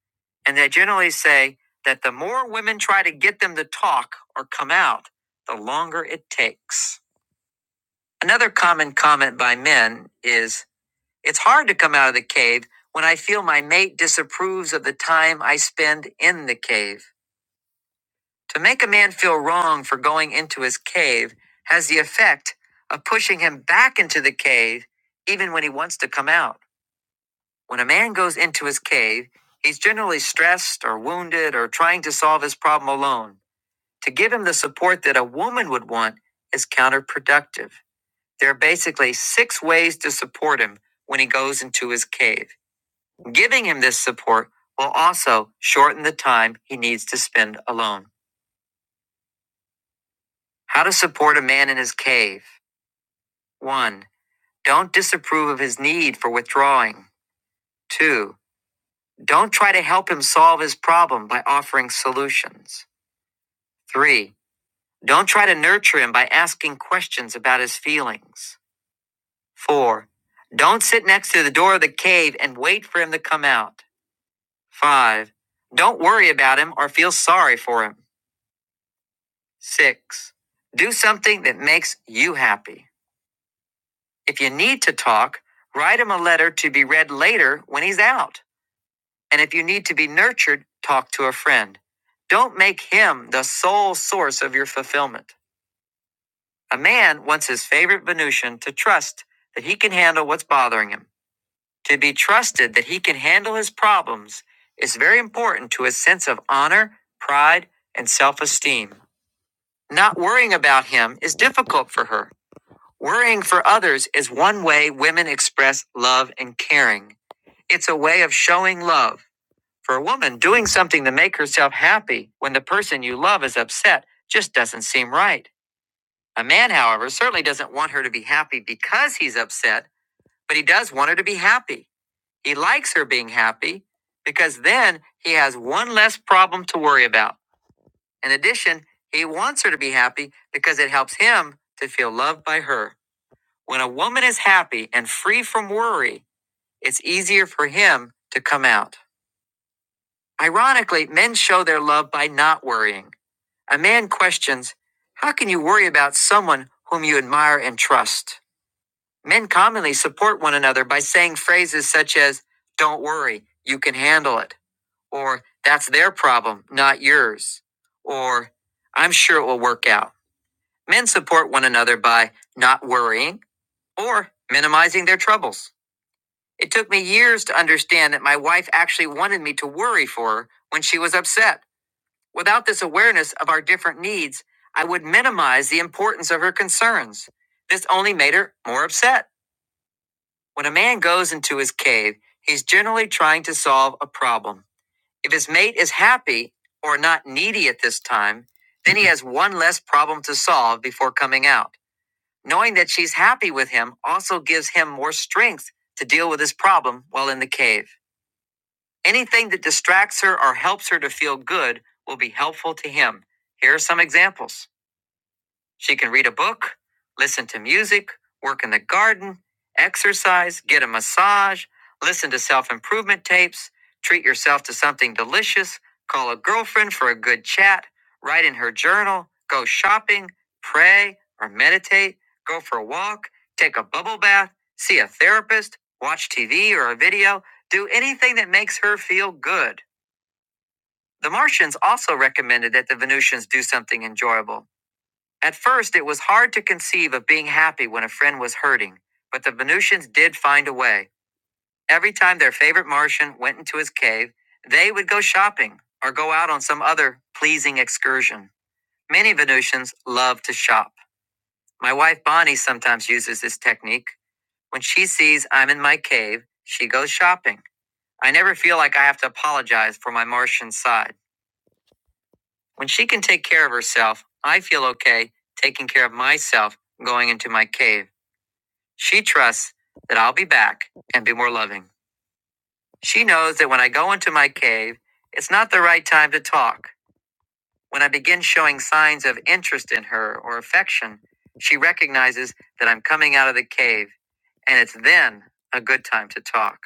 S1: and they generally say that the more women try to get them to talk or come out, the longer it takes. Another common comment by men is It's hard to come out of the cave when I feel my mate disapproves of the time I spend in the cave. To make a man feel wrong for going into his cave has the effect of pushing him back into the cave even when he wants to come out. When a man goes into his cave, he's generally stressed or wounded or trying to solve his problem alone. To give him the support that a woman would want is counterproductive. There are basically six ways to support him when he goes into his cave. Giving him this support will also shorten the time he needs to spend alone. How to support a man in his cave. 1. Don't disapprove of his need for withdrawing. 2. Don't try to help him solve his problem by offering solutions. 3. Don't try to nurture him by asking questions about his feelings. 4. Don't sit next to the door of the cave and wait for him to come out. 5. Don't worry about him or feel sorry for him. 6. Do something that makes you happy. If you need to talk, write him a letter to be read later when he's out. And if you need to be nurtured, talk to a friend. Don't make him the sole source of your fulfillment. A man wants his favorite Venusian to trust that he can handle what's bothering him. To be trusted that he can handle his problems is very important to his sense of honor, pride, and self esteem. Not worrying about him is difficult for her. Worrying for others is one way women express love and caring. It's a way of showing love For a woman, doing something to make herself happy when the person you love is upset just doesn't seem right. A man, however, certainly doesn't want her to be happy because he's upset, but he does want her to be happy. He likes her being happy because then he has one less problem to worry about. In addition, he wants her to be happy because it helps him to feel loved by her. When a woman is happy and free from worry, it's easier for him to come out. Ironically, men show their love by not worrying. A man questions, How can you worry about someone whom you admire and trust? Men commonly support one another by saying phrases such as, Don't worry, you can handle it, or That's their problem, not yours, or I'm sure it will work out. Men support one another by not worrying or minimizing their troubles. It took me years to understand that my wife actually wanted me to worry for her when she was upset. Without this awareness of our different needs, I would minimize the importance of her concerns. This only made her more upset. When a man goes into his cave, he's generally trying to solve a problem. If his mate is happy or not needy at this time, then he has one less problem to solve before coming out. Knowing that she's happy with him also gives him more strength to deal with his problem while in the cave. Anything that distracts her or helps her to feel good will be helpful to him. Here are some examples. She can read a book, listen to music, work in the garden, exercise, get a massage, listen to self improvement tapes, treat yourself to something delicious, call a girlfriend for a good chat, write in her journal, go shopping, pray or meditate, go for a walk, take a bubble bath, see a therapist, watch TV or a video, do anything that makes her feel good. The Martians also recommended that the Venusians do something enjoyable. At first, it was hard to conceive of being happy when a friend was hurting, but the Venusians did find a way. Every time their favorite Martian went into his cave, they would go shopping or go out on some other pleasing excursion. Many Venusians love to shop. My wife Bonnie sometimes uses this technique. When she sees I'm in my cave, she goes shopping. I never feel like I have to apologize for my Martian side. When she can take care of herself, I feel okay taking care of myself going into my cave. She trusts that I'll be back and be more loving. She knows that when I go into my cave, it's not the right time to talk. When I begin showing signs of interest in her or affection, she recognizes that I'm coming out of the cave, and it's then a good time to talk.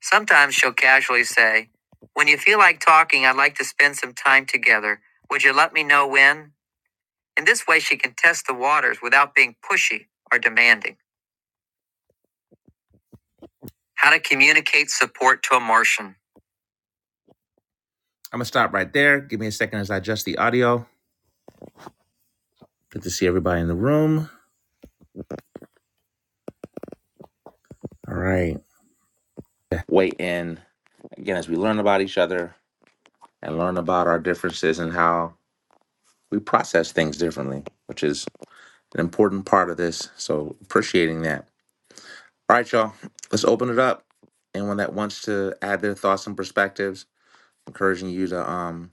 S1: Sometimes she'll casually say, When you feel like talking, I'd like to spend some time together. Would you let me know when? In this way, she can test the waters without being pushy or demanding. How to communicate support to a Martian. I'm gonna stop right there. Give me a second as I adjust the audio. Good to see everybody in the room. All right. weigh in again as we learn about each other and learn about our differences and how we process things differently, which is an important part of this. So appreciating that. All right, y'all. Let's open it up. Anyone that wants to add their thoughts and perspectives, encouraging you to um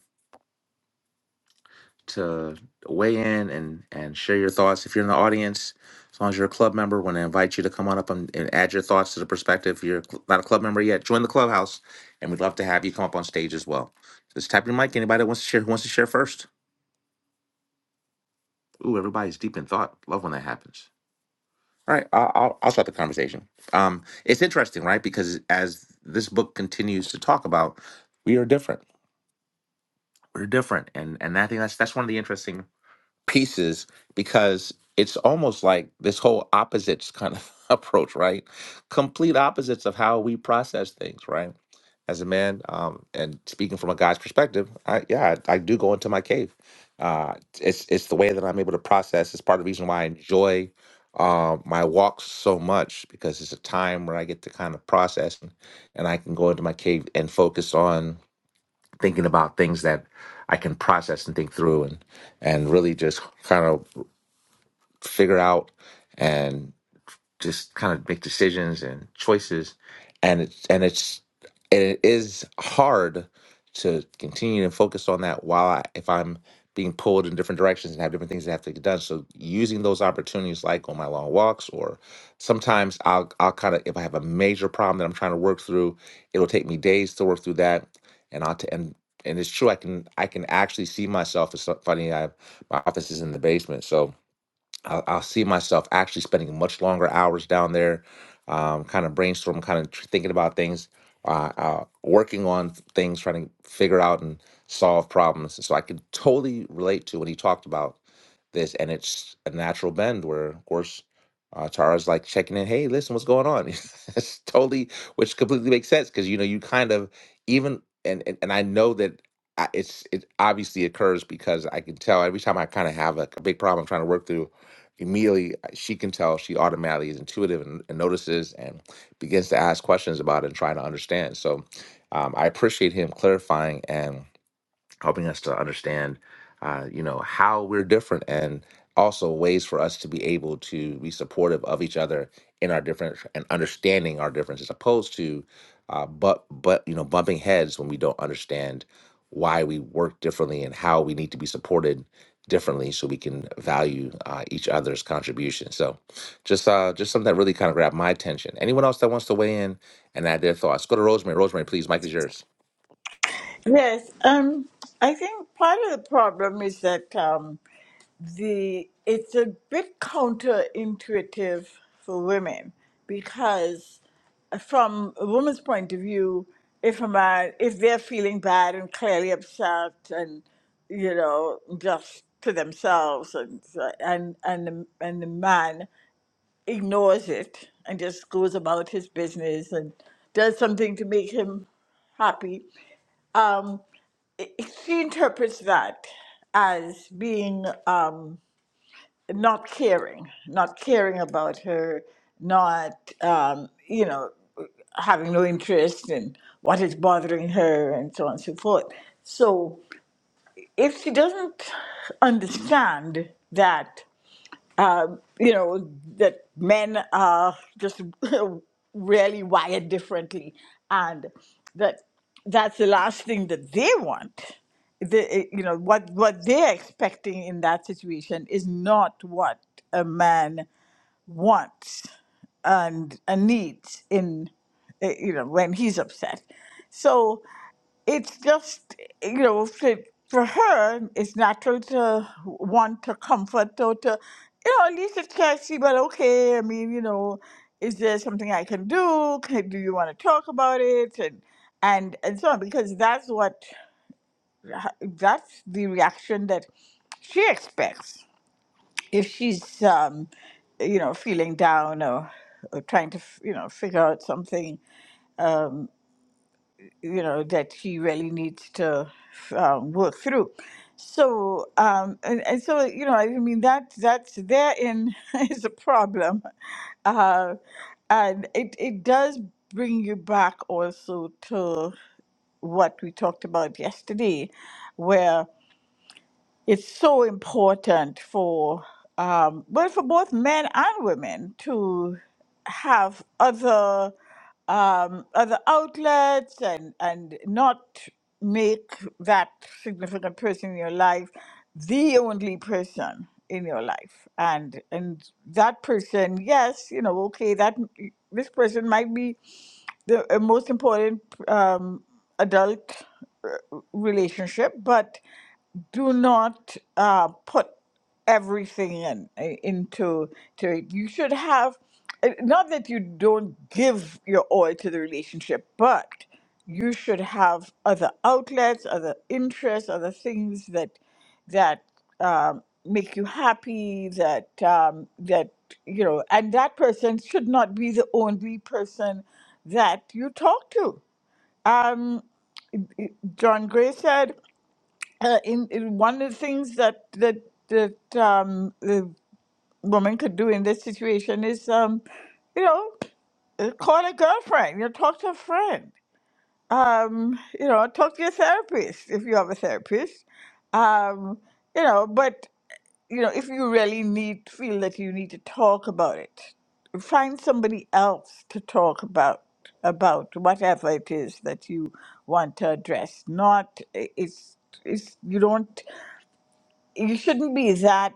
S1: to weigh in and and share your thoughts. If you're in the audience, as long as you're a club member, want to invite you to come on up and, and add your thoughts to the perspective. If you're not a club member yet, join the clubhouse, and we'd love to have you come up on stage as well. Just tap your mic. Anybody that wants to share who wants to share first? Ooh, everybody's deep in thought. Love when that happens. All right, I'll, I'll, I'll start the conversation. Um, it's interesting, right? Because as this book continues to talk about, we are different. We're different, and and I think that's that's one of the interesting pieces because it's almost like this whole opposites kind of approach, right? Complete opposites of how we process things, right? As a man, um, and speaking from a guy's perspective, I, yeah, I, I do go into my cave. Uh, it's it's the way that I'm able to process. It's part of the reason why I enjoy uh, my walks so much because it's a time where I get to kind of process and, and I can go into my cave and focus on thinking about things that I can process and think through and and really just kind of figure out. and just kind of make decisions and choices and it's and it's and it is hard to continue and focus on that while I, if i'm being pulled in different directions and have different things that have to get done so using those opportunities like on my long walks or sometimes i'll i'll kind of if i have a major problem that i'm trying to work through it'll take me days to work through that and i'll t- and and it's true i can i can actually see myself it's so funny i have my office is in the basement so I'll, I'll see myself actually spending much longer hours down there, um, kind of brainstorming, kind of tr- thinking about things, uh, uh, working on things, trying to figure out and solve problems. So I could totally relate to what he talked about this, and it's a natural bend where, of course, uh, Tara's like checking in. Hey, listen, what's going on? it's totally, which completely makes sense because you know you kind of even and and, and I know that. I, it's it obviously occurs because I can tell every time I kind of have a, a big problem I'm trying to work through immediately uh, she can tell she automatically is intuitive and, and notices and begins to ask questions about it and try to understand. So um, I appreciate him clarifying and helping us to understand, uh, you know, how we're different and also ways for us to be able to be supportive of each other in our difference and understanding our differences, opposed to, uh, but but you know, bumping heads when we don't understand why we work differently and how we need to be supported differently so we can value uh, each other's contribution. So just uh just something that really kind of grabbed my attention. Anyone else that wants to weigh in and add their thoughts, go to Rosemary. Rosemary, please, Mike is yours.
S8: Yes, um, I think part of the problem is that um, the it's a bit counterintuitive for women because uh, from a woman's point of view, if a man if they're feeling bad and clearly upset and you know just to themselves and and and the, and the man ignores it and just goes about his business and does something to make him happy um, she interprets that as being um, not caring, not caring about her, not, um, you know, having no interest in what is bothering her, and so on and so forth. So if she doesn't understand that uh, you know that men are just really wired differently and that that's the last thing that they want they, eh, you know what what they're expecting in that situation is not what a man wants and, and needs in eh, you know when he's upset so it's just you know for, for her it's natural to want to comfort or to you know at least it's catchy but okay i mean you know is there something i can do can, do you want to talk about it and and and so on because that's what that's the reaction that she expects if she's um you know feeling down or, or trying to f- you know figure out something you know that she really needs to um, work through. So um, and, and so you know I mean that that's therein is a problem, uh, and it it does bring you back also to what we talked about yesterday, where it's so important for um, well for both men and women to have other um, other outlets and and not make that significant person in your life the only person in your life and and that person yes you know okay that this person might be the uh, most important um, adult uh, relationship but do not uh, put everything in eh, into to it. You should have eh, not that you don't give your all to the relationship, but you should have other outlets, other interests, other things that that um, make you happy. That um, that you know, and that person should not be the only person that you talk to. Um, John Gray said uh, in, in one of the things that that that um, the woman could do in this situation is, um, you know, uh, call a girlfriend. You know, talk to a friend. Um, you know, talk to your therapist if you have a therapist. Um, you know, but you know, if you really need feel that you need to talk about it, find somebody else to talk about about whatever it is that you want to address. Not it's it's you don't you shouldn't be that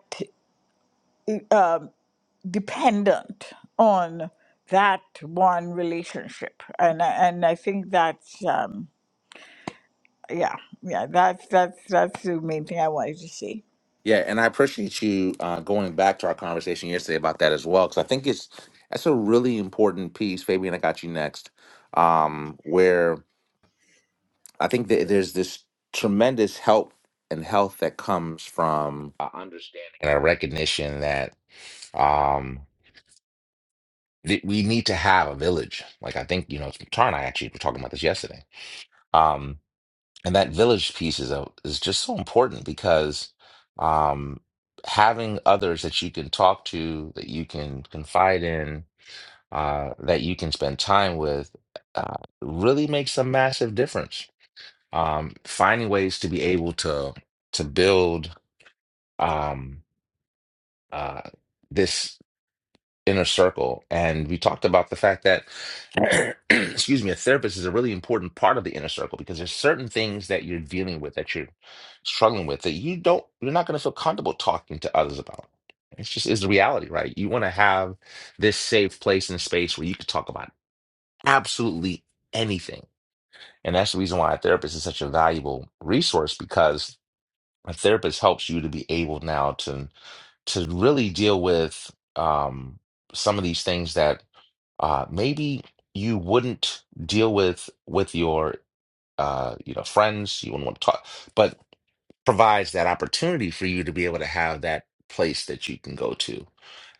S8: uh, dependent on that one relationship and I- and I think that's um yeah yeah that's that's that's the main thing I wanted to say
S1: Yeah, and I appreciate you uh, going back to our conversation yesterday about that as well, because I think it's that's a really important piece. Fabian, I got you next. Um, where I think that there's this tremendous help and health that comes from uh, and a recognition that um, that we need to have a village. Like I think you know, Tara and I actually were talking about this yesterday. Um, and that village piece is a, is just so important because um, having others that you can talk to, that you can confide in, uh, that you can spend time with, uh, really makes a massive difference. Um, finding ways to be able to to build um, uh, this inner circle and we talked about the fact that excuse me a therapist is a really important part of the inner circle because there's certain things that you're dealing with that you're struggling with that you don't you're not going to feel comfortable talking to others about it's just is the reality right you want to have this safe place and space where you can talk about absolutely anything and that's the reason why a therapist is such a valuable resource because a therapist helps you to be able now to to really deal with um, some of these things that uh, maybe you wouldn't deal with with your uh, you know friends you wouldn't want to talk but provides that opportunity for you to be able to have that place that you can go to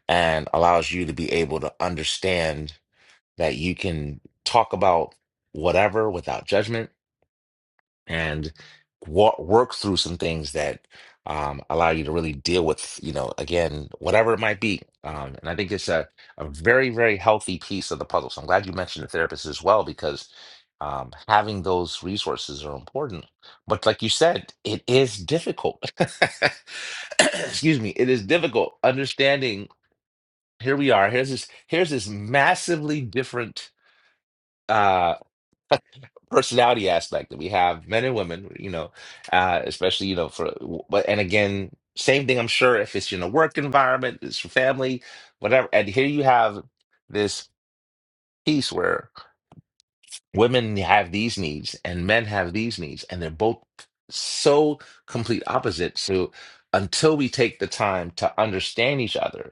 S1: and allows you to be able to understand that you can talk about whatever without judgment and walk, work through some things that um, allow you to really deal with, you know, again, whatever it might be. Um, and I think it's a, a very, very healthy piece of the puzzle. So I'm glad you mentioned the therapist as well, because um, having those resources are important. But like you said, it is difficult. Excuse me, it is difficult understanding. Here we are. Here's this. Here's this massively different. uh, personality aspect that we have men and women you know uh especially you know for but and again same thing i'm sure if it's in a work environment it's your family whatever and here you have this piece where women have these needs and men have these needs and they're both so complete opposite so until we take the time to understand each other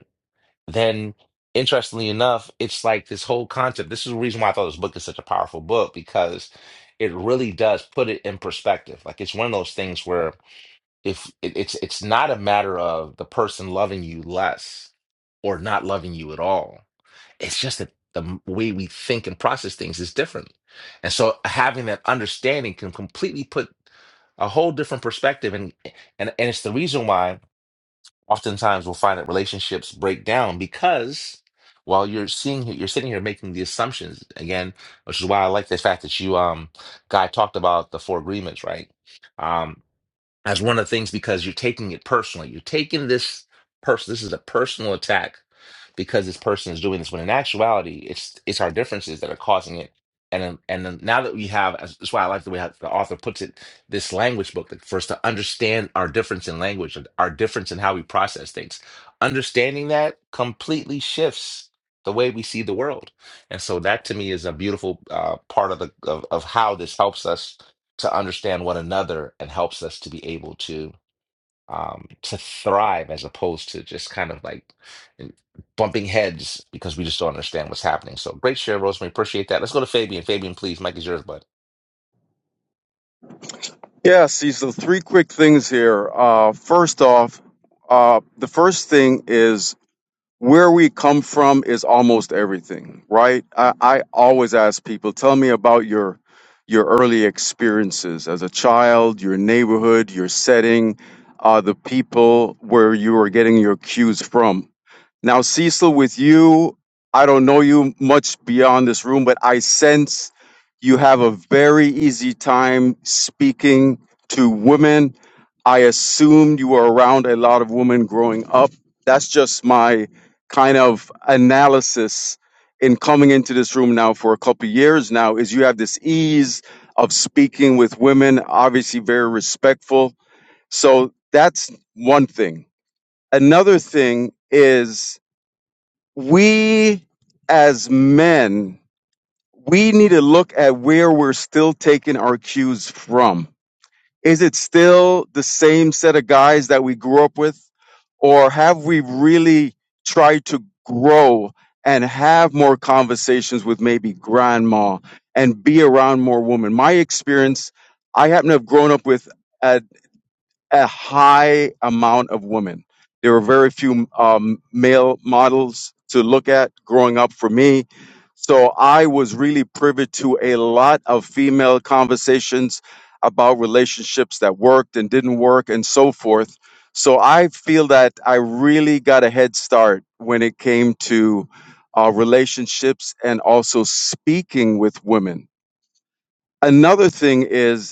S1: then interestingly enough, it's like this whole concept. This is the reason why I thought this book is such a powerful book because it really does put it in perspective. Like it's one of those things where if it, it's it's not a matter of the person loving you less or not loving you at all. It's just that the m- way we think and process things is different. And so having that understanding can completely put a whole different perspective and and and it's the reason why oftentimes we'll find that relationships break down because while you're seeing you're sitting here making the assumptions again, which is why I like the fact that you um guy talked about the four agreements, right? Um as one of the things because you're taking it personally. You're taking this person. This is a personal attack because this person is doing this. When in actuality, it's it's our differences that are causing it. And then- and then now that we have, that's why I like the way how the author puts it. This language book, like for us to understand our difference in language, and our difference in how we process things. Understanding that completely shifts the way we see the world. And so that to me is a beautiful uh, part of the of, of how this helps us to understand one another and helps us to be able to um to thrive as opposed to just kind of like bumping heads because we just don't understand what's happening. So great share, Rosemary. Appreciate that. Let's go to Fabian. Fabian, please. Mike is yours, bud.
S4: Yeah, see, so three quick things here. Uh, first off, uh, the first thing is where we come from is almost everything, right? I, I always ask people, tell me about your your early experiences as a child, your neighborhood, your setting, uh, the people where you were getting your cues from. Now, Cecil, with you, I don't know you much beyond this room, but I sense you have a very easy time speaking to women. I assume you were around a lot of women growing up. That's just my kind of analysis in coming into this room now for a couple of years now is you have this ease of speaking with women, obviously very respectful. So that's one thing. Another thing is we as men, we need to look at where we're still taking our cues from. Is it still the same set of guys that we grew up with? Or have we really tried to grow and have more conversations with maybe grandma and be around more women? My experience, I happen to have grown up with a high amount of women. There were very few um, male models to look at growing up for me. So I was really privy to a lot of female conversations about relationships that worked and didn't work and so forth. So I feel that I really got a head start when it came to uh, relationships and also speaking with women. Another thing is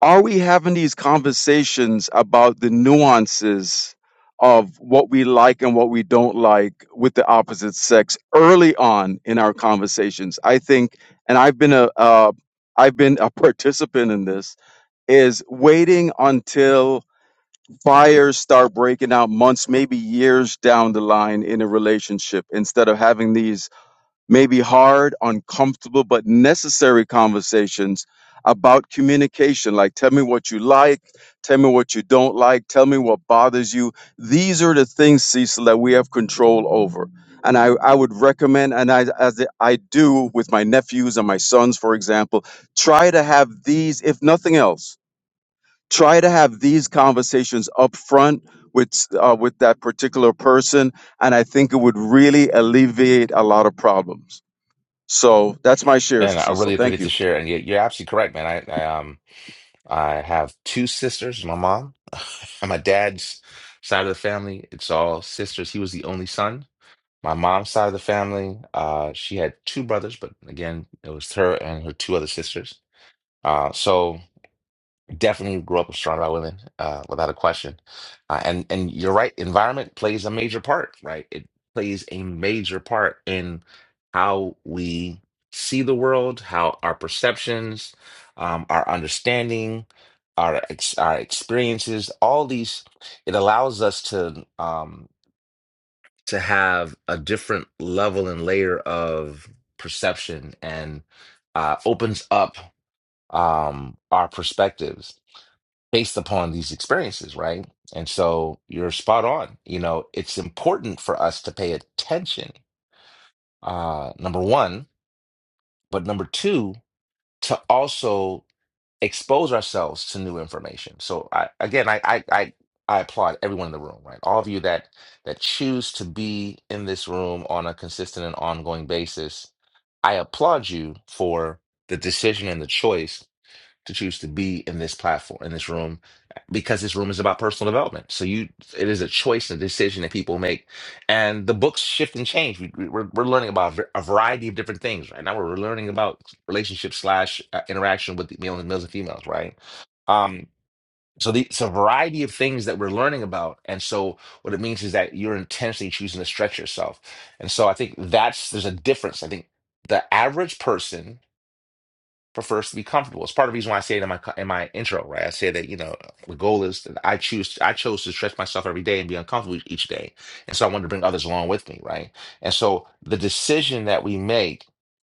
S4: are we having these conversations about the nuances of what we like and what we don't like with the opposite sex early on in our conversations i think and i've been a uh, i've been a participant in this is waiting until fires start breaking out months maybe years down the line in a relationship instead of having these maybe hard, uncomfortable, but necessary conversations about communication. Like, tell me what you like, tell me what you don't like, tell me what bothers you. These are the things, Cecil, that we have control over. And I, I would recommend, and I, as I do with my nephews and my sons, for example, try to have these, if nothing else, try to have these conversations up front with, uh, with that particular person. And I think it would really alleviate a lot of problems. So that's my share,
S1: And I
S4: Cecil.
S1: really
S4: Thank
S1: appreciate the
S4: you.
S1: share. And you- you're absolutely correct, man. I, I um I have two sisters, my mom on my dad's side of the family. It's all sisters. He was the only son. My mom's side of the family, uh, she had two brothers, but again, it was her and her two other sisters Uh, so definitely grew up surrounded by women, uh, without a question. Uh, and and you're right, environment plays a major part, right? It plays a major part in how we see the world, how our perceptions, um, our understanding, our ex our experiences, all these, it allows us to um to have a different level and layer of perception and uh opens up um our perspectives based upon these experiences, right? And so you're spot on. You know, it's important for us to pay attention, uh, number one, but number two, to also expose ourselves to new information. So I, again, I, I, I, I applaud everyone in the room, right? All of you that that choose to be in this room on a consistent and ongoing basis. I applaud you for the decision and the choice to choose to be in this platform, in this room, because this room is about personal development. So you, it is a choice and a decision that people make. And the books shift and change. We, we- we're, we're learning about a v- a variety of different things right now. We're learning about relationship slash uh, interaction with the males and males and females, right? Um, so the, it's a variety of things that we're learning about. And so what it means is that you're intentionally choosing to stretch yourself. And so I think that's, there's a difference. I think the average person prefers to be comfortable. It's part of the reason why I say it in my co- in my intro, right? I say that you know the goal is that I choose I chose to stretch myself every day and be uncomfortable each day, and so I wanted to bring others along with me, right? And so the decision that we make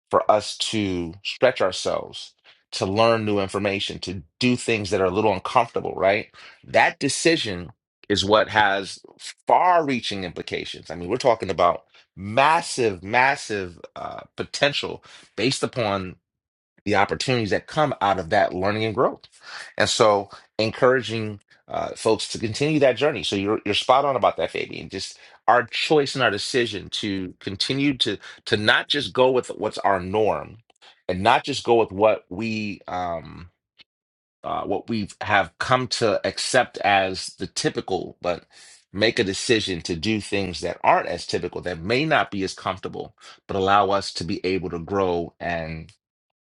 S1: for us to stretch ourselves, to learn new information, to do things that are a little uncomfortable, right? That decision is what has far-reaching implications. I mean, we're talking about massive, massive uh, potential based upon the opportunities that come out of that learning and growth. And so, encouraging uh, folks to continue that journey. So you're you're spot on about that, Fabian. Just our choice and our decision to continue to to not just go with what's our norm, and not just go with what we um uh, what we have come to accept as the typical, but make a decision to do things that aren't as typical, that may not be as comfortable, but allow us to be able to grow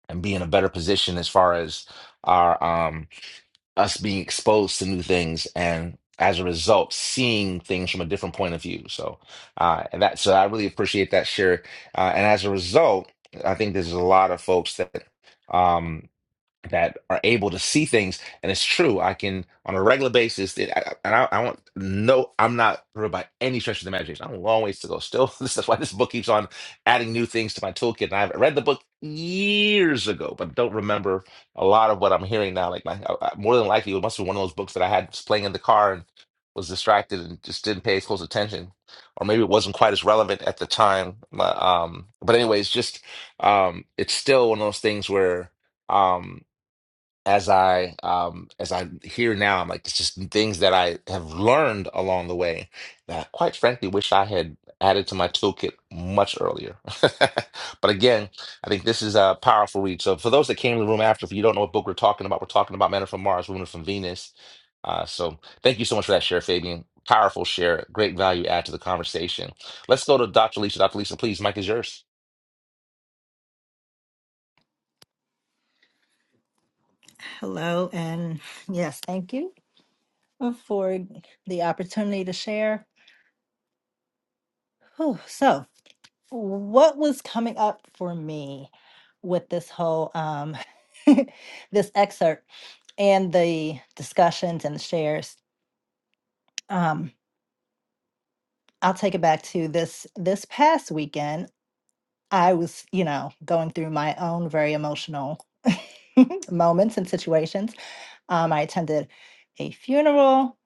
S1: and be in a better position as far as our um us being exposed to new things and as a result seeing things from a different point of view so uh and that so i really appreciate that share uh, and as a result i think there's a lot of folks that um that are able to see things. And it's true. I can on a regular basis. It, I, and I, I want no. I'm not hurt by any stretch of the imagination. I'm a long ways to go. Still, this is why this book keeps on adding new things to my toolkit. And I've read the book years ago, but don't remember a lot of what I'm hearing now. Like my I, I- more than likely, it must be one of those books that I had was playing in the car and was distracted and just didn't pay close attention, or maybe it wasn't quite as relevant at the time. But, um, but anyways, just um, it's still one of those things where. Um, as I um as I'm here now, I'm like it's just some things that I have learned along the way that I quite frankly wish I had added to my toolkit much earlier. But again, I think this is a powerful read. So for those that came to the room after, if you don't know what book we're talking about, we're talking about Men Are from Mars, Women Are from Venus. Uh, so thank you so much for that share, Fabian. Powerful share, great value add to the conversation. Let's go to Dr. Lisa. Dr. Lisa, please, Mike is yours.
S6: Hello, and yes, thank you for the opportunity to share. Whew, so, what was coming up for me with this whole um, this excerpt and the discussions and the shares? Um, I'll take it back to this this past weekend. I was, you know, going through my own very emotional moments and situations. Um, I attended a funeral,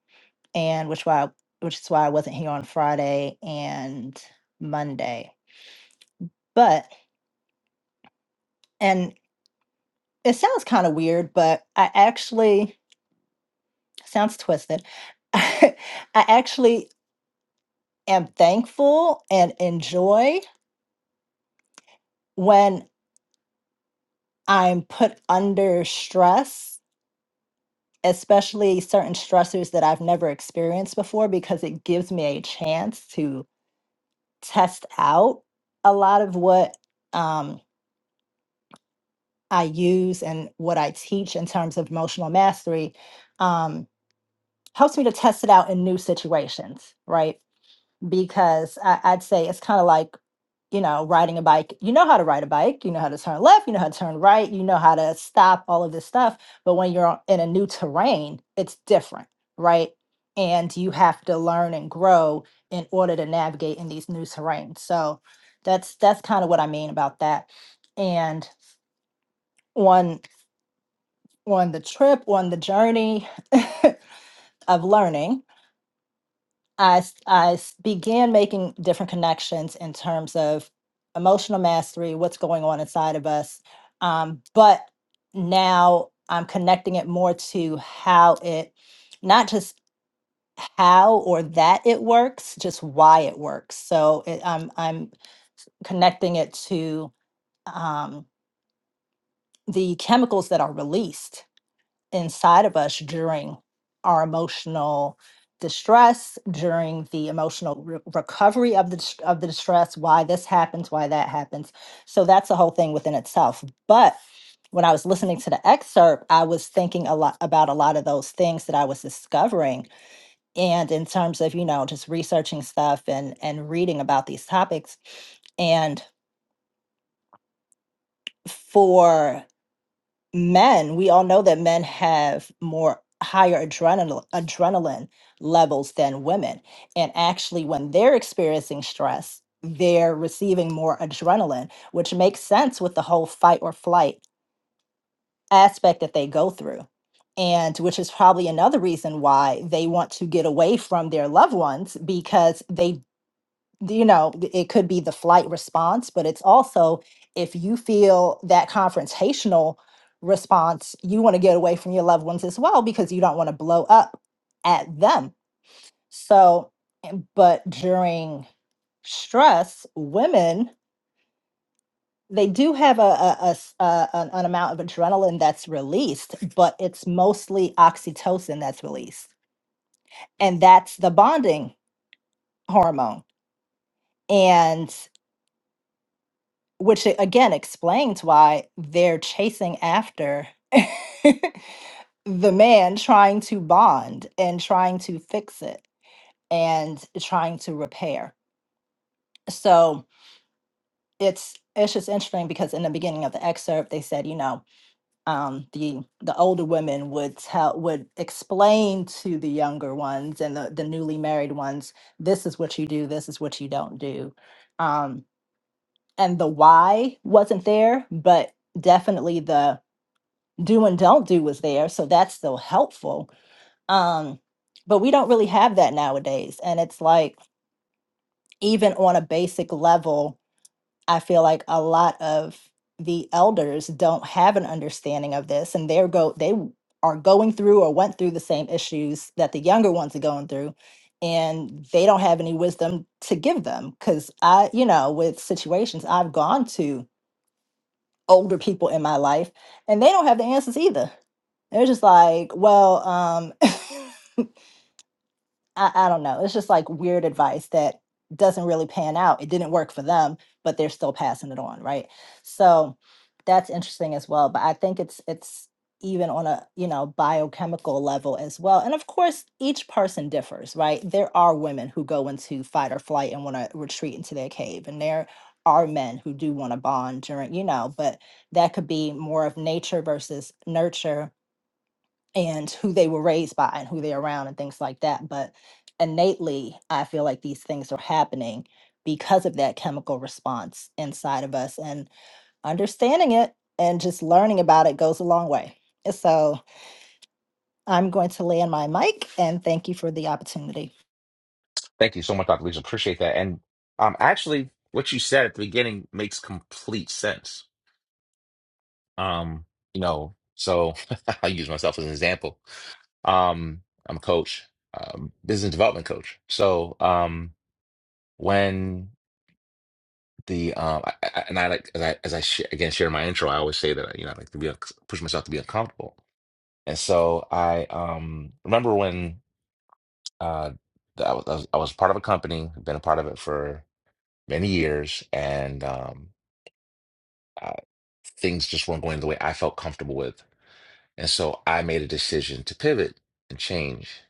S6: and which why, which is why I wasn't here on Friday and Monday. But and it sounds kind of weird, but I actually sounds twisted. I actually am thankful and enjoy when I'm put under stress especially certain stressors that I've never experienced before because it gives me a chance to test out a lot of what um, I use and what I teach in terms of emotional mastery. Um, helps me to test it out in new situations, right? because I, I'd say it's kind of like, you know, riding a bike. You know how to ride a bike, you know how to turn left, you know how to turn right, you know how to stop, all of this stuff. But when you're on- in a new terrain, it's different, right? And you have to learn and grow in order to navigate in these new terrains. So that's that's kind of what I mean about that. And on on the trip, on the journey of learning, I, s- I s- began making different connections in terms of emotional mastery, what's going on inside of us. Um, but now I'm connecting it more to how it, not just how or that it works, just why it works. So it, I'm, I'm connecting it to um, the chemicals that are released inside of us during our emotional distress during the emotional re- recovery of the dis- of the distress why this happens why that happens so that's a whole thing within itself but when i was listening to the excerpt i was thinking a lot about a lot of those things that i was discovering and in terms of you know just researching stuff and and reading about these topics and for men, we all know that men have more higher adrenaline adrenaline levels than women. And actually when they're experiencing stress, they're receiving more adrenaline, which makes sense with the whole fight or flight aspect that they go through. And which is probably another reason why they want to get away from their loved ones because they you know, th- it could be the flight response, but it's also if you feel that confrontational response, you want to get away from your loved ones as well because you don't want to blow up at them. So, but during stress, women, they do have a, a- a s- a- an, an amount of adrenaline that's released, but it's mostly oxytocin that's released. And that's the bonding hormone. which a- again explains why they're chasing after the man trying to bond and trying to fix it and trying to repair. So it's it's just interesting because in the beginning of the excerpt they said, you know, um, the the older women would tell would explain to the younger ones and the, the newly married ones, this is what you do, this is what you don't do. Um, and the why wasn't there, but definitely the do and don't do was there so that's still helpful um but we don't really have that nowadays and it's like even on a basic level i feel like a lot of the elders don't have an understanding of this and they're go they w- are going through or went through the same issues that the younger ones are going through and they don't have any wisdom to give them because i you know with situations i've gone to older people in my life and they don't have the answers either They're just like, well, um, I, I don't know. It's just like weird advice that doesn't really pan out. It didn't work for them, but they're still passing it on, right? So that's interesting as well. But I think it's it's even on a you know biochemical level as well. And of course, each person differs, right? There are women who go into fight or flight and want to retreat into their cave, and there are men who do want to bond during, you know, but that could be more of nature versus nurture and who they were raised by and who they're around and things like that. But innately, I feel like these things are happening because of that chemical response inside of us. And understanding it and just learning about it goes a long way. So I'm going to land my mic and thank you for the opportunity.
S1: Thank you so much, Dr. Lisa. Appreciate that. And um, actually, what you said at the beginning makes complete sense. Um, you know, so I use myself as an example. Um, I'm a coach, um, business development coach. So um, when the um, I, I, and I like as I as I sh again share my intro, I always say that you know I like to be un- push myself to be uncomfortable. And so I um remember when uh I was I was I was part of a company, been a part of it for many years, and um uh, things just weren't going the way I felt comfortable with. And so I made a decision to pivot and change.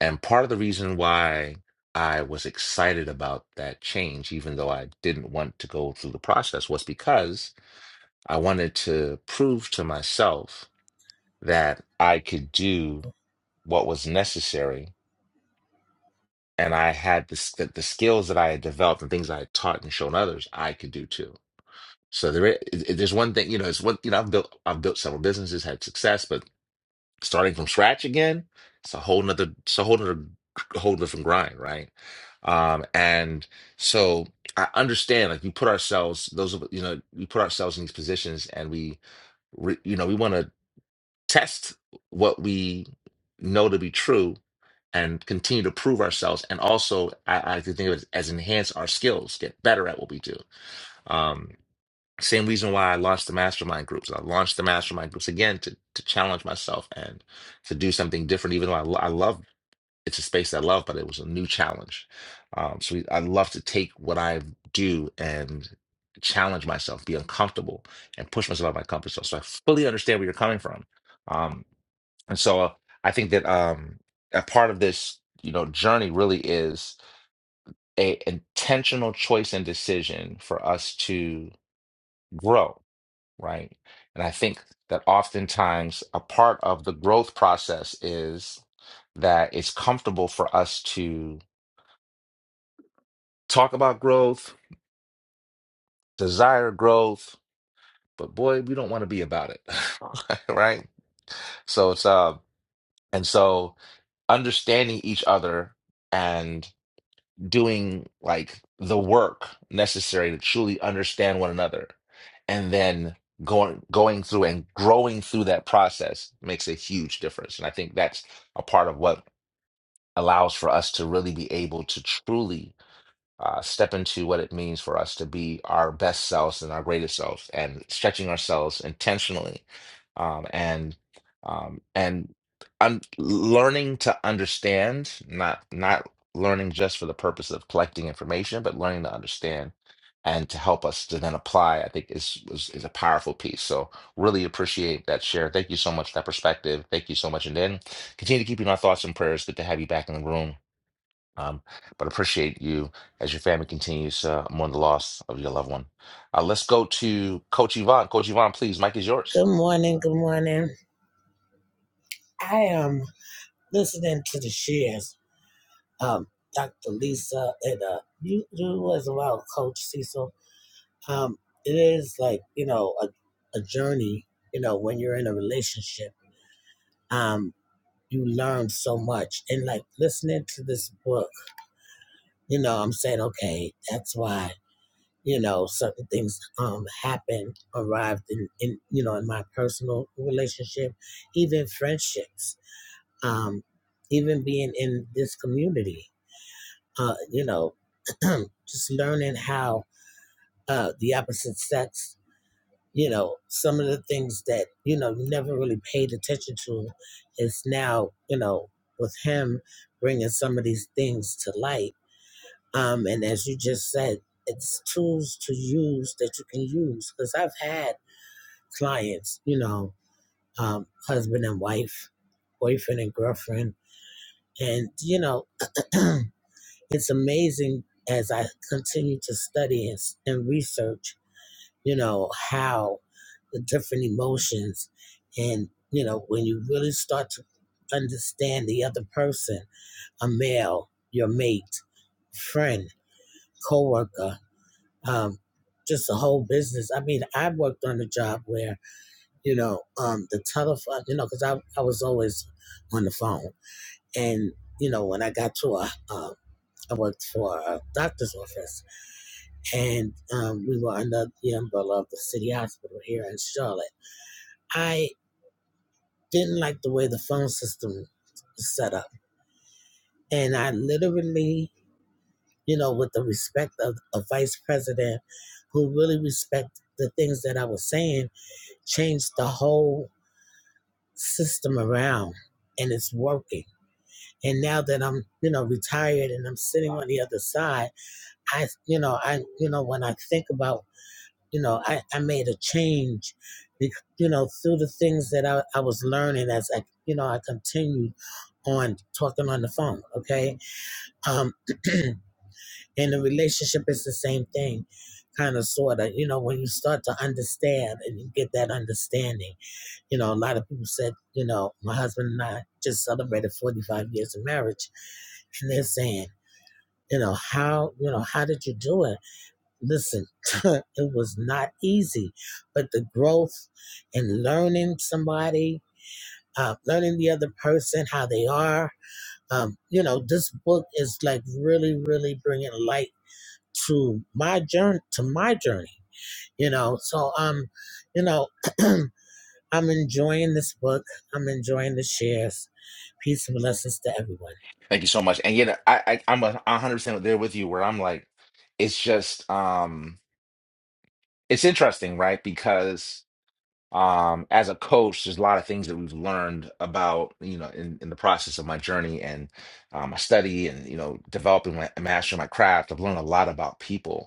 S1: And part of the reason why I was excited about that change, even though I didn't want to go through the process, was because I wanted to prove to myself that I could do what was necessary. And I had the, s- that the skills that I had developed and things I had taught and shown others, I could do too. So there, i- i- there's one thing, you know, it's one, you know, I've built, I've built several businesses, had success, but starting from scratch again it's a whole nother it's a whole nother whole different grind right um and so i understand like we put ourselves those of you know we put ourselves in these positions and we re, you know we want to test what we know to be true and continue to prove ourselves and also i, I like to think of it as enhance our skills get better at what we do Um, same reason why I launched the mastermind groups. I launched the mastermind groups again to to challenge myself and to do something different. Even though I, lo- I love it's a space I love, but it was a new challenge. Um, so we, I love to take what I do and challenge myself, be uncomfortable, and push myself out of my comfort zone. So I fully understand where you're coming from. Um, and so uh, I think that um, a part of this, you know, journey really is a intentional choice and decision for us to grow right? And I think that oftentimes a part of the growth process is that it's comfortable for us to talk about growth, desire growth, but boy, we don't want to be about it, right? So it's uh, and so understanding each other and. doing like the work necessary to truly understand one another and then going going through and growing through that process makes a huge difference and i think that's a part of what allows for us to really be able to truly uh, step into what it means for us to be our best selves and our greatest selves and stretching ourselves intentionally um, and um, and un- learning to understand not not learning just for the purpose of collecting information but learning to understand and to help us to then apply i think is, is is a powerful piece so really appreciate that share thank you so much for that perspective thank you so much and then continue to keep you in our thoughts and prayers good to have you back in the room um, but appreciate you as your family continues uh, mourn the loss of your loved one. Uh, let's go to Coach Yvonne. Coach Yvonne, please, Mike is yours.
S9: Good morning. Good morning. I am listening to the shares. Um, Dr. Lisa and uh, you, you as well, Coach Cecil. Um, it is like you know a, a journey. You know when you're in a relationship, um, you learn so much. And like listening to this book, you know, I'm saying, okay, that's why you know certain things um happen, arrived in, in you know in my personal relationship, even friendships um, even being in this community, uh, you know, just learning how uh, the opposite sex, you know, some of the things that, you know, you never really paid attention to is now, you know, with him bringing some of these things to light. Um, and as you just said, it's tools to use that you can use because I've had clients, you know, um, husband and wife, boyfriend and girlfriend, and, you know, it's amazing as I continue to study and, and research, you know, how the different emotions and, you know, when you really start to understand the other person, a male, your mate, friend, coworker, um, just the whole business. I mean, I worked on a job where, you know, um, the telephone, you know, because I, I was always on the phone. And, you know, when I got to a, uh, I worked for a doctor's office and um, we were under the umbrella of the city hospital here in Charlotte. I didn't like the way the phone system was set up, and I literally, you know, with the respect of a vice president who really respected the things that I was saying, changed the whole system around, and it's working. And now that I'm, you know, retired and I'm sitting on the other side, I, you know, I, you know, when I think about you know, I, I made a change, you know, through the things that I, I was learning as I, you know, I continued on talking on the phone, okay? Um, and the relationship is the same thing, kind of, sort of, you know, when you start to understand and you get that understanding, you know, a lot of people said, you know, my husband and I just celebrated 45 years of marriage, and they're saying, you know, how, you know, how did you do it? listen, it was not easy, but the growth in learning somebody, uh, learning the other person, how they are, um, you know, this book is like really, really bringing light to my journey, to my journey, you know. So, um, you know, I'm enjoying this book. I'm enjoying the shares. Peace and blessings to everyone.
S1: Thank you so much. And you know, I, I I'm a 100 percent there with you. Where I'm like, it's just um, it's interesting, right? Because um, as a coach, there's a lot of things that we've learned about you know in, in the process of my journey and um, my study and you know developing my mastering my craft. I've learned a lot about people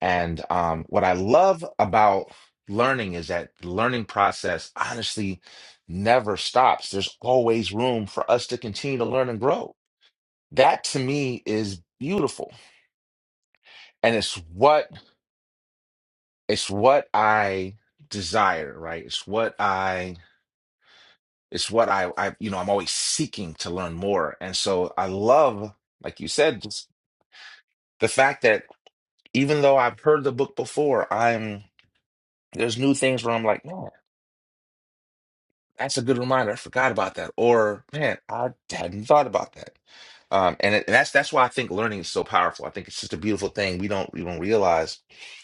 S1: And um, what I love about learning is that the learning process honestly never stops. There's always room for us to continue to learn and grow. That to me is beautiful. And it's what it's what I desire, right? It's what I it's what I, I you know, I'm always seeking to learn more. And so I love, like you said, just the fact that even though I've heard the book before, I'm there's new things where I'm like, no. That's a good reminder. I forgot about that. Or man, I hadn't thought about that. Um, and, it, and that's that's why I think learning is so powerful. I think it's just a beautiful thing. We don't we don't realize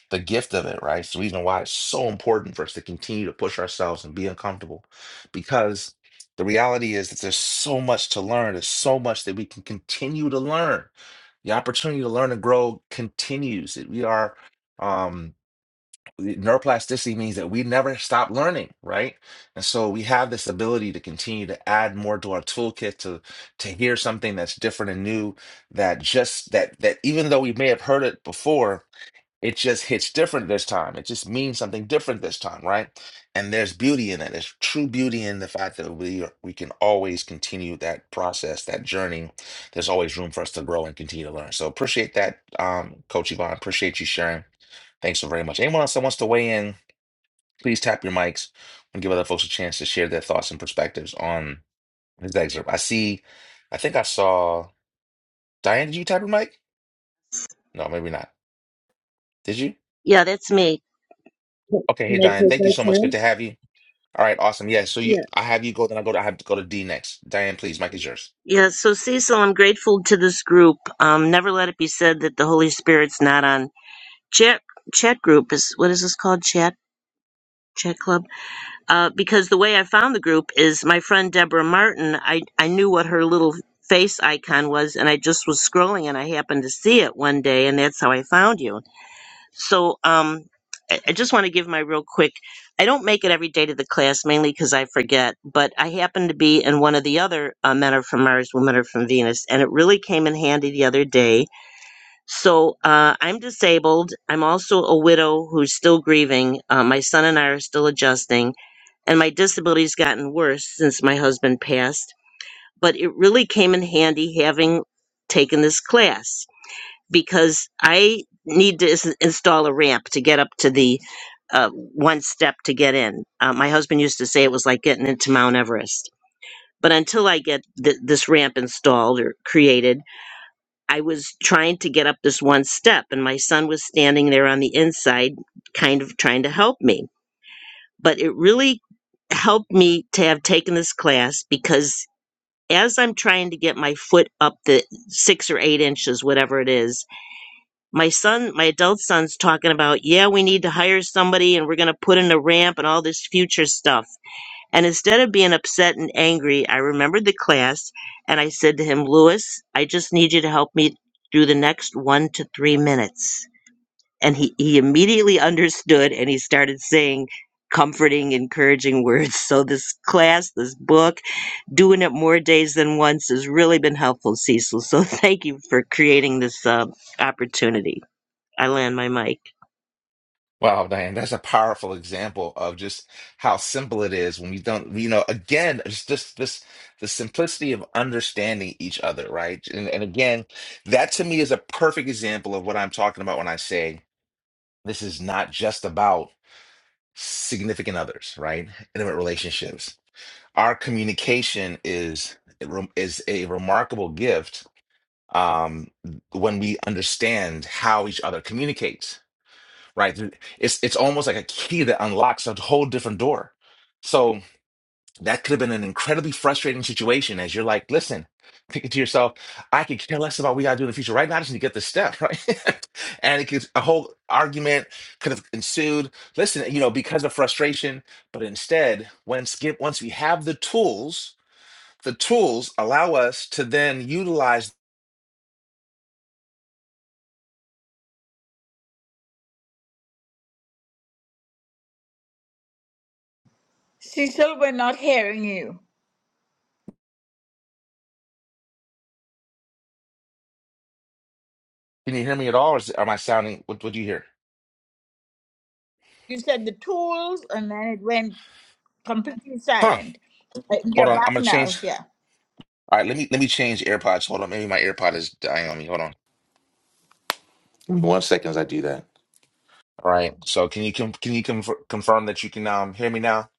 S1: the gift of it, right? It's the reason why it's so important for us to continue to push ourselves and be uncomfortable, because the reality is that there's so much to learn. There's so much that we can continue to learn. The opportunity to learn and grow continues. That we are. um, neuroplasticity means that we never stop learning, right? And so we have this ability to continue to add more to our toolkit to to hear something that's different and new that just that that even though we may have heard it before, it just hits different this time. It just means something different this time, right? And there's beauty in it. There's true beauty in the fact that we are, we can always continue that process, that journey. There's always room for us to grow and continue to learn. So appreciate that, um, Coach Yvonne. Appreciate you sharing. Thanks so very much. Anyone else that wants to weigh in, please tap your mics and give other folks a chance to share their thoughts and perspectives on this excerpt. I see, I think I saw Diane. Did you tap your mic? No, maybe not. Did you?
S10: Yeah, that's me. Can
S1: Okay, hey
S10: I
S1: Diane,
S10: take
S1: thank
S10: my
S1: you so much. Good
S10: turn?
S1: to have you. All right, awesome. Yeah, so you,
S10: Yeah.
S1: I have you go, then I go to, I have to go to D next. Diane, please, mic is yours.
S10: Yeah, so Cecil, I'm grateful to this group. Um, never let it be said that the Holy Spirit's not on chat chat group is what is this called? Chat chat club? Uh, because the way I found the group is my friend Deborah Martin, I, I knew what her little face icon was and I just was scrolling and I happened to see it one day and that's how I found you. So um, I, I just want to give my real quick. I don't make it every day to the class mainly because I forget, but I happen to be in one of the other uh, Men Are From Mars, Women Are From Venus, and it really came in handy the other day. So uh, I'm disabled. I'm also a widow who's still grieving. Uh, my son and I are still adjusting, and my disability's gotten worse since my husband passed. But it really came in handy having taken this class because I need to ins- install a ramp to get up to the uh, one step to get in. Uh, my husband used to say it was like getting into Mount Everest. But until I get th- this ramp installed or created, I was trying to get up this one step, and my son was standing there on the inside, kind of trying to help me. But it really helped me to have taken this class because as I'm trying to get my foot up the six or eight inches, whatever it is, my son, my adult son's talking about, yeah, we need to hire somebody and we're going to put in a ramp and all this future stuff. And instead of being upset and angry, I remembered the class and I said to him, Lewis, I just need you to help me through the next one to three minutes. And he, he immediately understood and he started saying comforting, encouraging words. So this class, this book, doing it more days than once has really been helpful, Cecil. So thank you for creating this uh, opportunity. I land my mic.
S1: Wow, Diane, that's a powerful example of just how simple it is when we don't, you know, again, it's just this the simplicity of understanding each other, right? And, and again, that to me is a perfect example of what I'm talking about when I say this is not just about significant others, right? Intimate relationships. Our communication is is a remarkable gift um, when we understand how each other communicates right? It's it's almost like a key that unlocks a whole different door. So that could have been an incredibly frustrating situation as you're like, listen, thinking to yourself, I could care less about what we gotta do in the future. Right now, I just need to get this step, right? and it could a whole argument could have ensued. Listen, you know, because of frustration, but instead, when skip once we have the tools, the tools allow us to then utilize.
S8: Cecil we're not hearing you
S1: Can you hear me at all? Or is, am I sounding? What, what do you hear?
S8: you said the tools and then it went completely
S1: Huh?
S8: silent Uh,
S1: Hold
S8: you're
S1: on.
S8: back
S1: I'm gonna change.
S8: now yeah
S1: All right, let me let me change AirPods. Hold on, maybe my AirPod is dying on me. Hold on, one second as I do that. All right, so can you com can you conf confirm that you can um hear me now?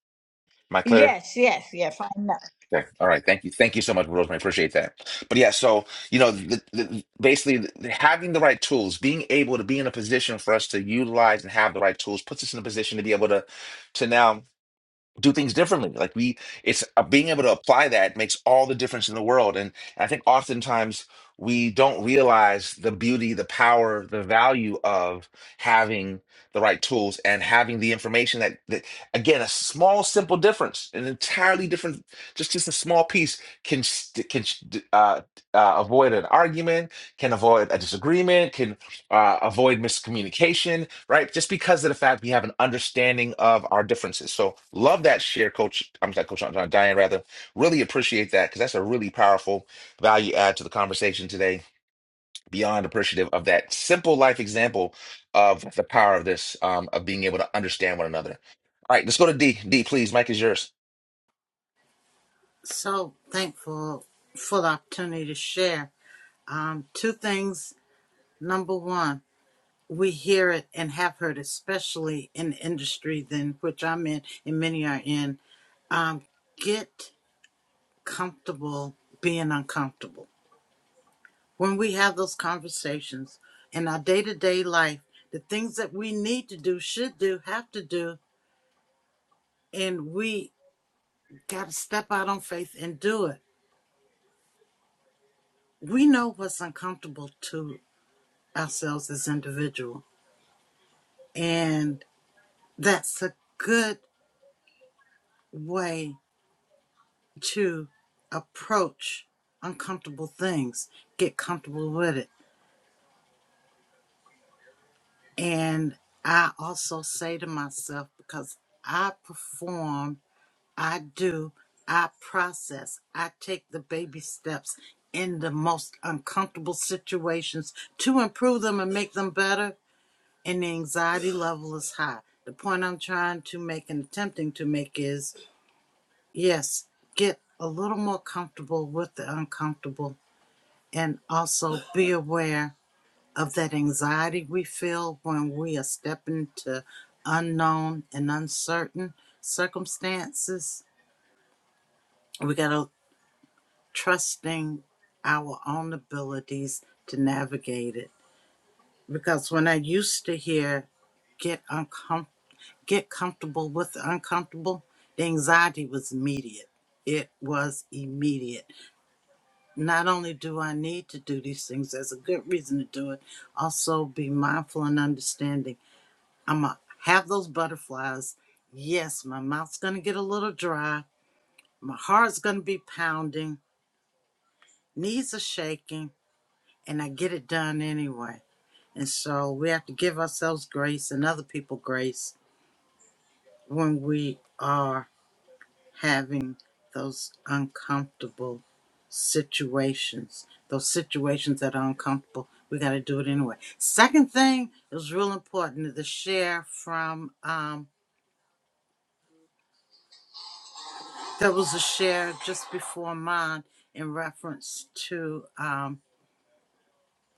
S1: Am I clear?
S8: yes yes yeah fine now
S1: Okay. All right. Thank you. Thank you so much, Rosemary. Appreciate that. But yeah, so you know, the, the, basically, the, having the right tools, being able to be in a position for us to utilize and have the right tools, puts us in a position to be able to to now. do things differently. Like we, it's uh, being able to apply that makes all the difference in the world. And I think oftentimes we don't realize the beauty, the power, the value of having the right tools and having the information that, that again, a small, simple difference, an entirely different, just just a small piece can s- can sh- d- uh, uh, avoid an argument, can avoid a disagreement, can uh, avoid miscommunication, right? Just because of the fact we have an understanding of our differences. So love that share, Coach. I'm sorry, Coach uh, Diane, rather. Really appreciate that because that's a really powerful value add to the conversation today. Beyond appreciative of that simple life example of the power of this, um, of being able to understand one another. All right, let's go to D. D, please. Mike is yours.
S2: So thankful for the opportunity to share. Um, two things. Number one, we hear it and have heard, especially in the industry than which I'm in, and many are in um, get comfortable being uncomfortable. When we have those conversations in our day to day life, the things that we need to do, should do, have to do, and we got to step out on faith and do it. We know what's uncomfortable to ourselves as individuals, and that's a good way to approach uncomfortable things. Get comfortable with it And I also say to myself, because I perform, I do, I process, I take the baby steps in the most uncomfortable situations to improve them and make them better. And the anxiety level is high. The point I'm trying to make and attempting to make is yes, get a little more comfortable with the uncomfortable and also be aware of that anxiety we feel when we are stepping into unknown and uncertain circumstances. We got to trusting our own abilities to navigate it. Because when I used to hear get uncom- get comfortable with the uncomfortable, the anxiety was immediate. It was immediate. Not only do I need to do these things, there's a good reason to do it. Also, be mindful and understanding I'm going to have those butterflies. Yes, my mouth's going to get a little dry. My heart's going to be pounding. Knees are shaking. And I get it done anyway. And so we have to give ourselves grace and other people grace when we are having those uncomfortable situations, those situations that are uncomfortable. We got to do it anyway. Second thing, it was real important to share from um, That was a share just before mine in reference to um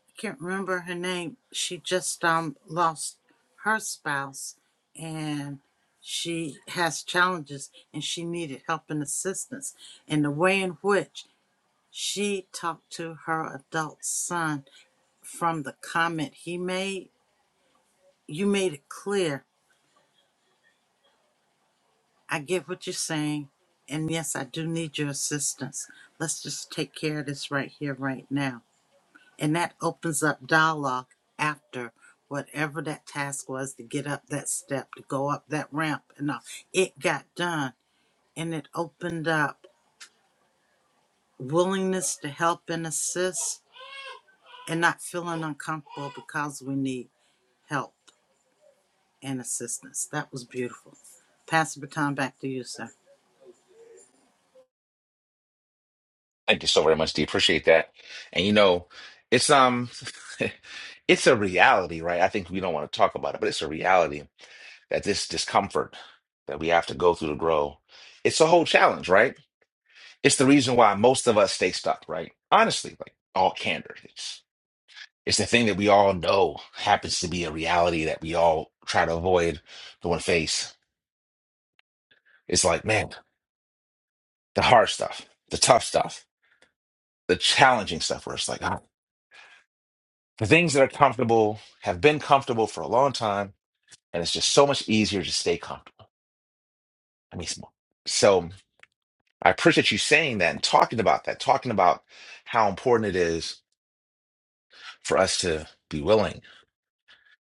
S2: I can't remember her name. She just um lost her spouse and she has challenges and she needed help and assistance. And the way in which she talked to her adult son from the comment he made, you made it clear. I get what you're saying. And yes, I do need your assistance. Let's just take care of this right here, right now And that opens up dialogue after whatever that task was to get up that step, to go up that ramp. And all. it got done. And it opened up willingness to help and assist and not feeling uncomfortable because we need help and assistance. That was beautiful. Pass the baton back to you, sir.
S1: Thank you so very much, D. Appreciate that. And you know, it's um, it's a reality, right? I think we don't want to talk about it, but it's a reality that this discomfort that we have to go through to grow, it's a whole challenge, right? It's the reason why most of us stay stuck, right? Honestly, like all candor. It's it's the thing that we all know happens to be a reality that we all try to avoid going face. It's like, man, the hard stuff, the tough stuff, the challenging stuff where it's like, ah, the things that are comfortable have been comfortable for a long time, and it's just so much easier to stay comfortable. I mean, so I appreciate you saying that and talking about that, talking about how important it is for us to be willing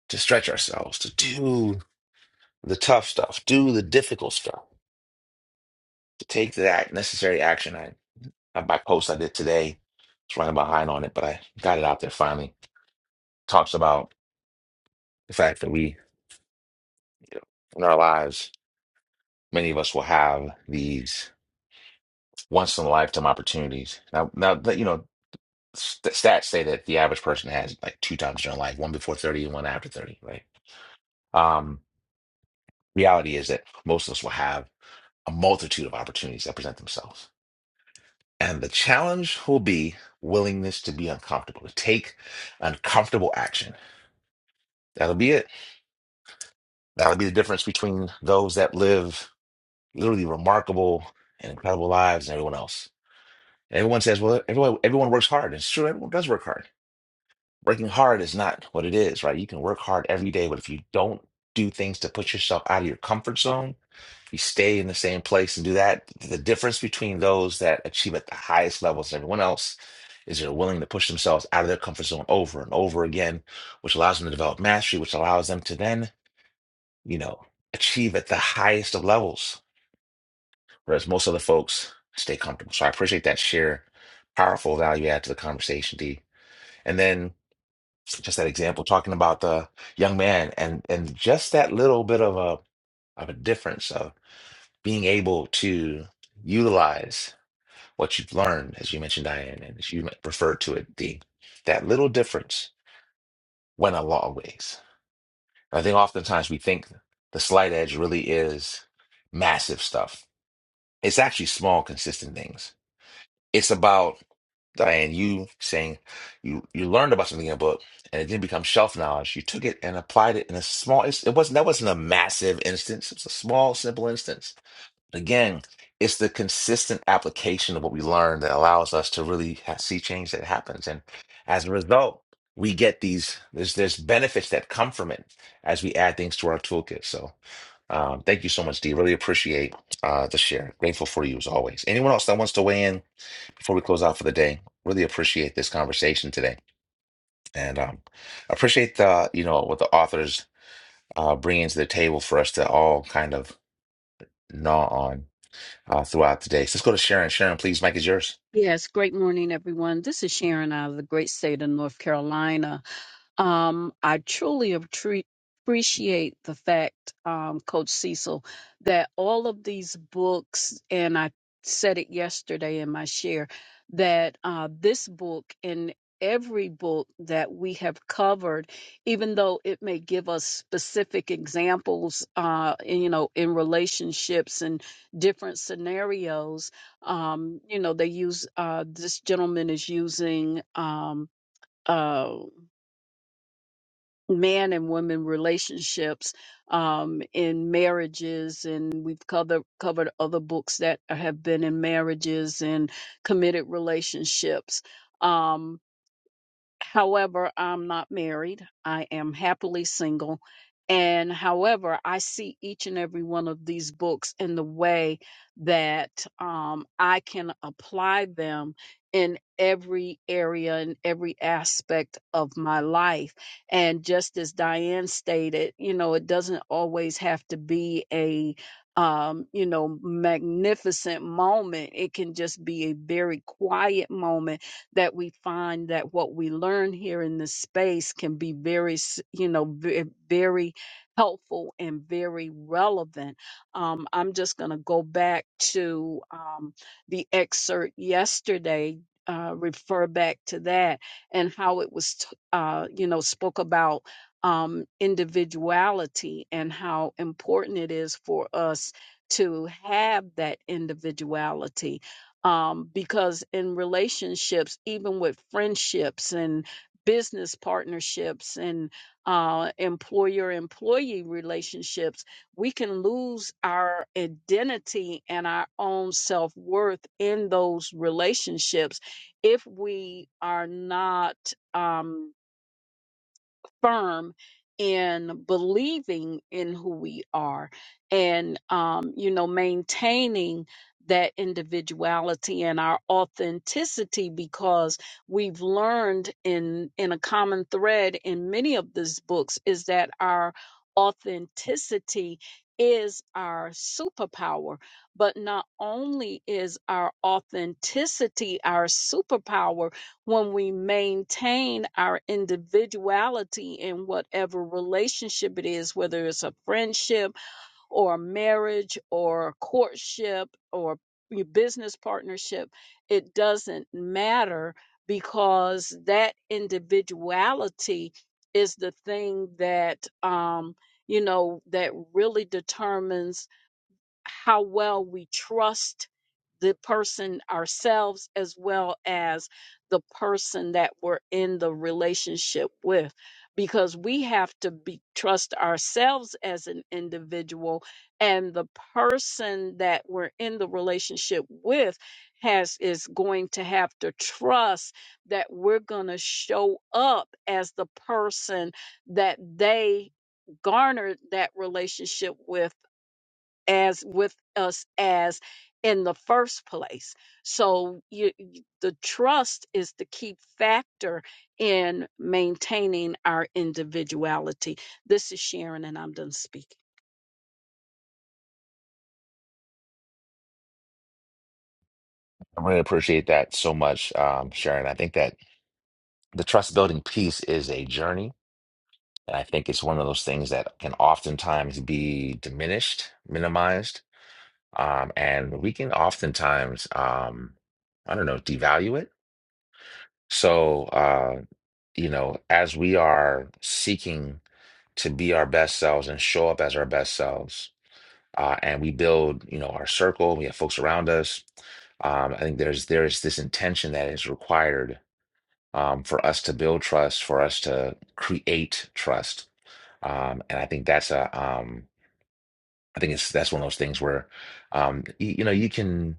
S1: to stretch ourselves, to do the tough stuff, do the difficult stuff, to take that necessary action. I have my post I did today. It's running behind on it, but I got it out there finally. Talks about the fact that we, you know, in our lives, many of us will have these once in a lifetime opportunities. Now, now that you know, st- stats say that the average person has like two times in their life, one before 30 and one after 30, right? Um, reality is that most of us will have a multitude of opportunities that present themselves. And the challenge will be willingness to be uncomfortable, to take uncomfortable action. That'll be it. That'll be the difference between those that live literally remarkable and incredible lives and everyone else. And Everyone says, well, everyone, everyone works hard. It's true, everyone does work hard. Working hard is not what it is, right? You can work hard every day, but if you don't do things to put yourself out of your comfort zone, you stay in the same place and do that. The difference between those that achieve at the highest levels and everyone else is they're willing to push themselves out of their comfort zone over and over again, which allows them to develop mastery, which allows them to then, you know, achieve at the highest of levels, whereas most other folks stay comfortable. So I appreciate that sheer powerful value add to the conversation, D. And then just that example talking about the young man and and just that little bit of a of a difference of being able to utilize what you've learned, as you mentioned, Diane, and as you referred to it, the that little difference went a long ways. I think oftentimes we think the slight edge really is massive stuff. It's actually small, consistent things. It's about Diane, you saying you you learned about something in a book and it didn't become shelf knowledge. You took it and applied it in a small. It wasn't that wasn't a massive instance. It's a small, simple instance Again, it's the consistent application of what we learn that allows us to really ha- see change that happens. And as a result, we get these, there's, there's benefits that come from it as we add things to our toolkit. So um, thank you so much, Dee. Really appreciate uh, the share. Grateful for you as always. Anyone else that wants to weigh in before we close out for the day, really appreciate this conversation today. And um, appreciate the, you know, what the authors uh, bringing to the table for us to all kind of gnaw on uh, throughout today. So let's go to Sharon. Sharon, please, Mike is yours.
S5: Yes, great morning, everyone. This is Sharon out of the great state of North Carolina. Um, I truly appre- appreciate the fact, um, Coach Cecil, that all of these books, and I said it yesterday in my share, that uh, this book and every book that we have covered, even though it may give us specific examples, uh, in, you know, in relationships and different scenarios, um, you know, they use uh, this gentleman is using. Um, uh, man and women relationships um, in marriages and we've covered covered other books that have been in marriages and committed relationships um. However, I'm not married. I am happily single. And however, I see each and every one of these books in the way that um, I can apply them in every area and every aspect of my life. And just as Diane stated, you know, it doesn't always have to be a um, you know, magnificent moment. It can just be a very quiet moment that we find that what we learn here in this space can be very, s- you know, ve- very helpful and very relevant. Um, I'm just going to go back to um, the excerpt yesterday. Uh, refer back to that and how it was, t- uh, you know, spoke about um, individuality and how important it is for us to have that individuality um, because in relationships, even with friendships and business partnerships and uh, employer employee relationships, we can lose our identity and our own self worth in those relationships if we are not. Um, firm in believing in who we are and um, you know maintaining that individuality and our authenticity because we've learned in in a common thread in many of these books is that our authenticity is our superpower but not only is our authenticity our superpower when we maintain our individuality in whatever relationship it is, whether it's a friendship or a marriage or a courtship or your business partnership, it doesn't matter because that individuality is the thing that, um, you know, that really determines how well we trust the person ourselves as well as the person that we're in the relationship with because we have to be trust ourselves as an individual and the person that we're in the relationship with has is going to have to trust that we're going to show up as the person that they garnered that relationship with as with us as in the first place. So you, you- the trust is the key factor in maintaining our individuality. This is Sharon, and I'm done speaking.
S1: I really appreciate that so much, um, Sharon. I think that the trust building piece is a journey. And I think it's one of those things that can oftentimes be diminished, minimized. Um, and we can oftentimes, um, I don't know, devalue it. So, uh, you know, as we are seeking to be our best selves and show up as our best selves, uh, and we build, you know, our circle. We have folks around us. Um, I think there's there's this intention that is required um, for us to build trust, for us to create trust, um, and I think that's a um, I think it's that's one of those things where, um, you, you know, you can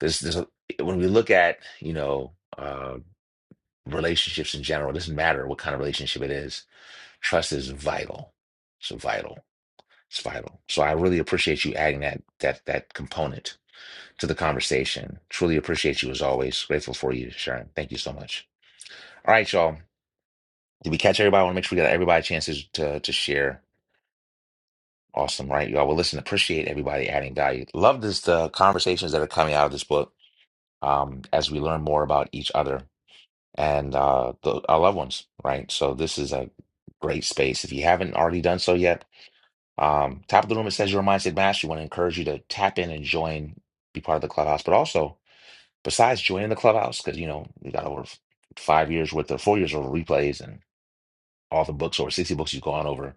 S1: there's there's a, when we look at you know uh, relationships in general, it doesn't matter what kind of relationship it is, trust is vital. It's vital. It's vital. So I really appreciate you adding that that that component to the conversation. Truly appreciate you as always. Grateful for you, Sharon. Thank you so much. All right, y'all. Did we catch everybody? I want to make sure we got everybody chances to to share. Awesome, right, y'all? Well, listen, appreciate everybody adding value. Love this the conversations that are coming out of this book um, as we learn more about each other and uh, the, our loved ones, right? So this is a great space. If you haven't already done so yet, um, top of the room it says your mindset mastery. We want to encourage you to tap in and join, be part of the clubhouse, but also Besides joining the clubhouse, because you know we got over f- five years worth of four years of replays and all the books over sixty books you've gone over.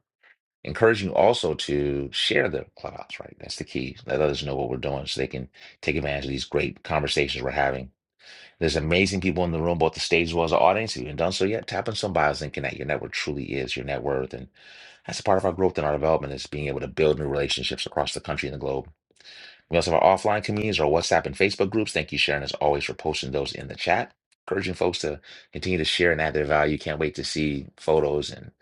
S1: Encouraging you also to share the clubhouse, right? That's the key. Let others know what we're doing so they can take advantage of these great conversations we're having. There's amazing people in the room, both the stage as well as the audience. If you haven't done so yet, tap on some bios and connect. Your network truly is your net worth. And that's a part of our growth and our development is being able to build new relationships across the country and the globe we also have our offline communities, our WhatsApp and Facebook groups. Thank you, Sharon, as always, for posting those in the chat. Encouraging folks to continue to share and add their value. Can't wait to see photos and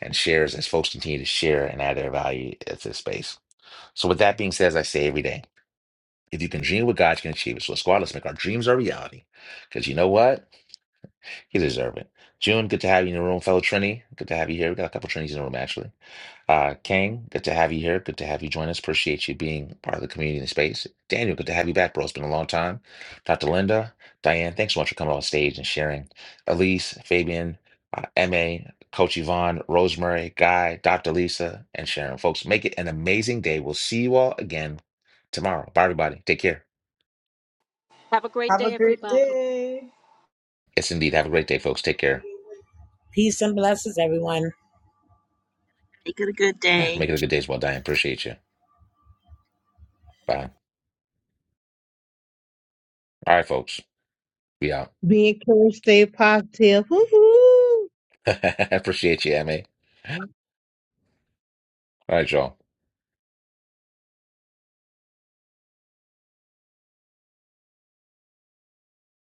S1: and shares as folks continue to share and add their value at this space. So, with that being said, as I say every day, if you can dream what God can achieve it. So, squad, Let's make our dreams our reality. Because you know what? You deserve it. June, good to have you in the room, fellow Trini. Good to have you here. We got a couple Trinities in the room, actually. Uh, Kang, good to have you here. Good to have you join us. Appreciate you being part of the community and space. Daniel, good to have you back, bro. It's been a long time. Dr. Linda, Diane, thanks so much for coming on stage and sharing. Elise, Fabian, uh, MA, Coach Yvonne, Rosemary, Guy, Dr. Lisa, and Sharon. Folks, make it an amazing day. We'll see you all again tomorrow. Bye, everybody. Take care.
S5: Have a great
S8: have a
S5: day,
S8: great
S5: everybody.
S8: day
S1: Yes, indeed. Have a great day, folks. Take care.
S9: Peace and blessings, everyone.
S10: Make it a good
S1: Yeah,
S10: day.
S1: make it a good day as well, Diane. Appreciate you. Bye. All right, folks. Be out.
S3: Be encouraged, stay positive. Hoo-hoo!
S1: Appreciate you, MA. All right, y'all.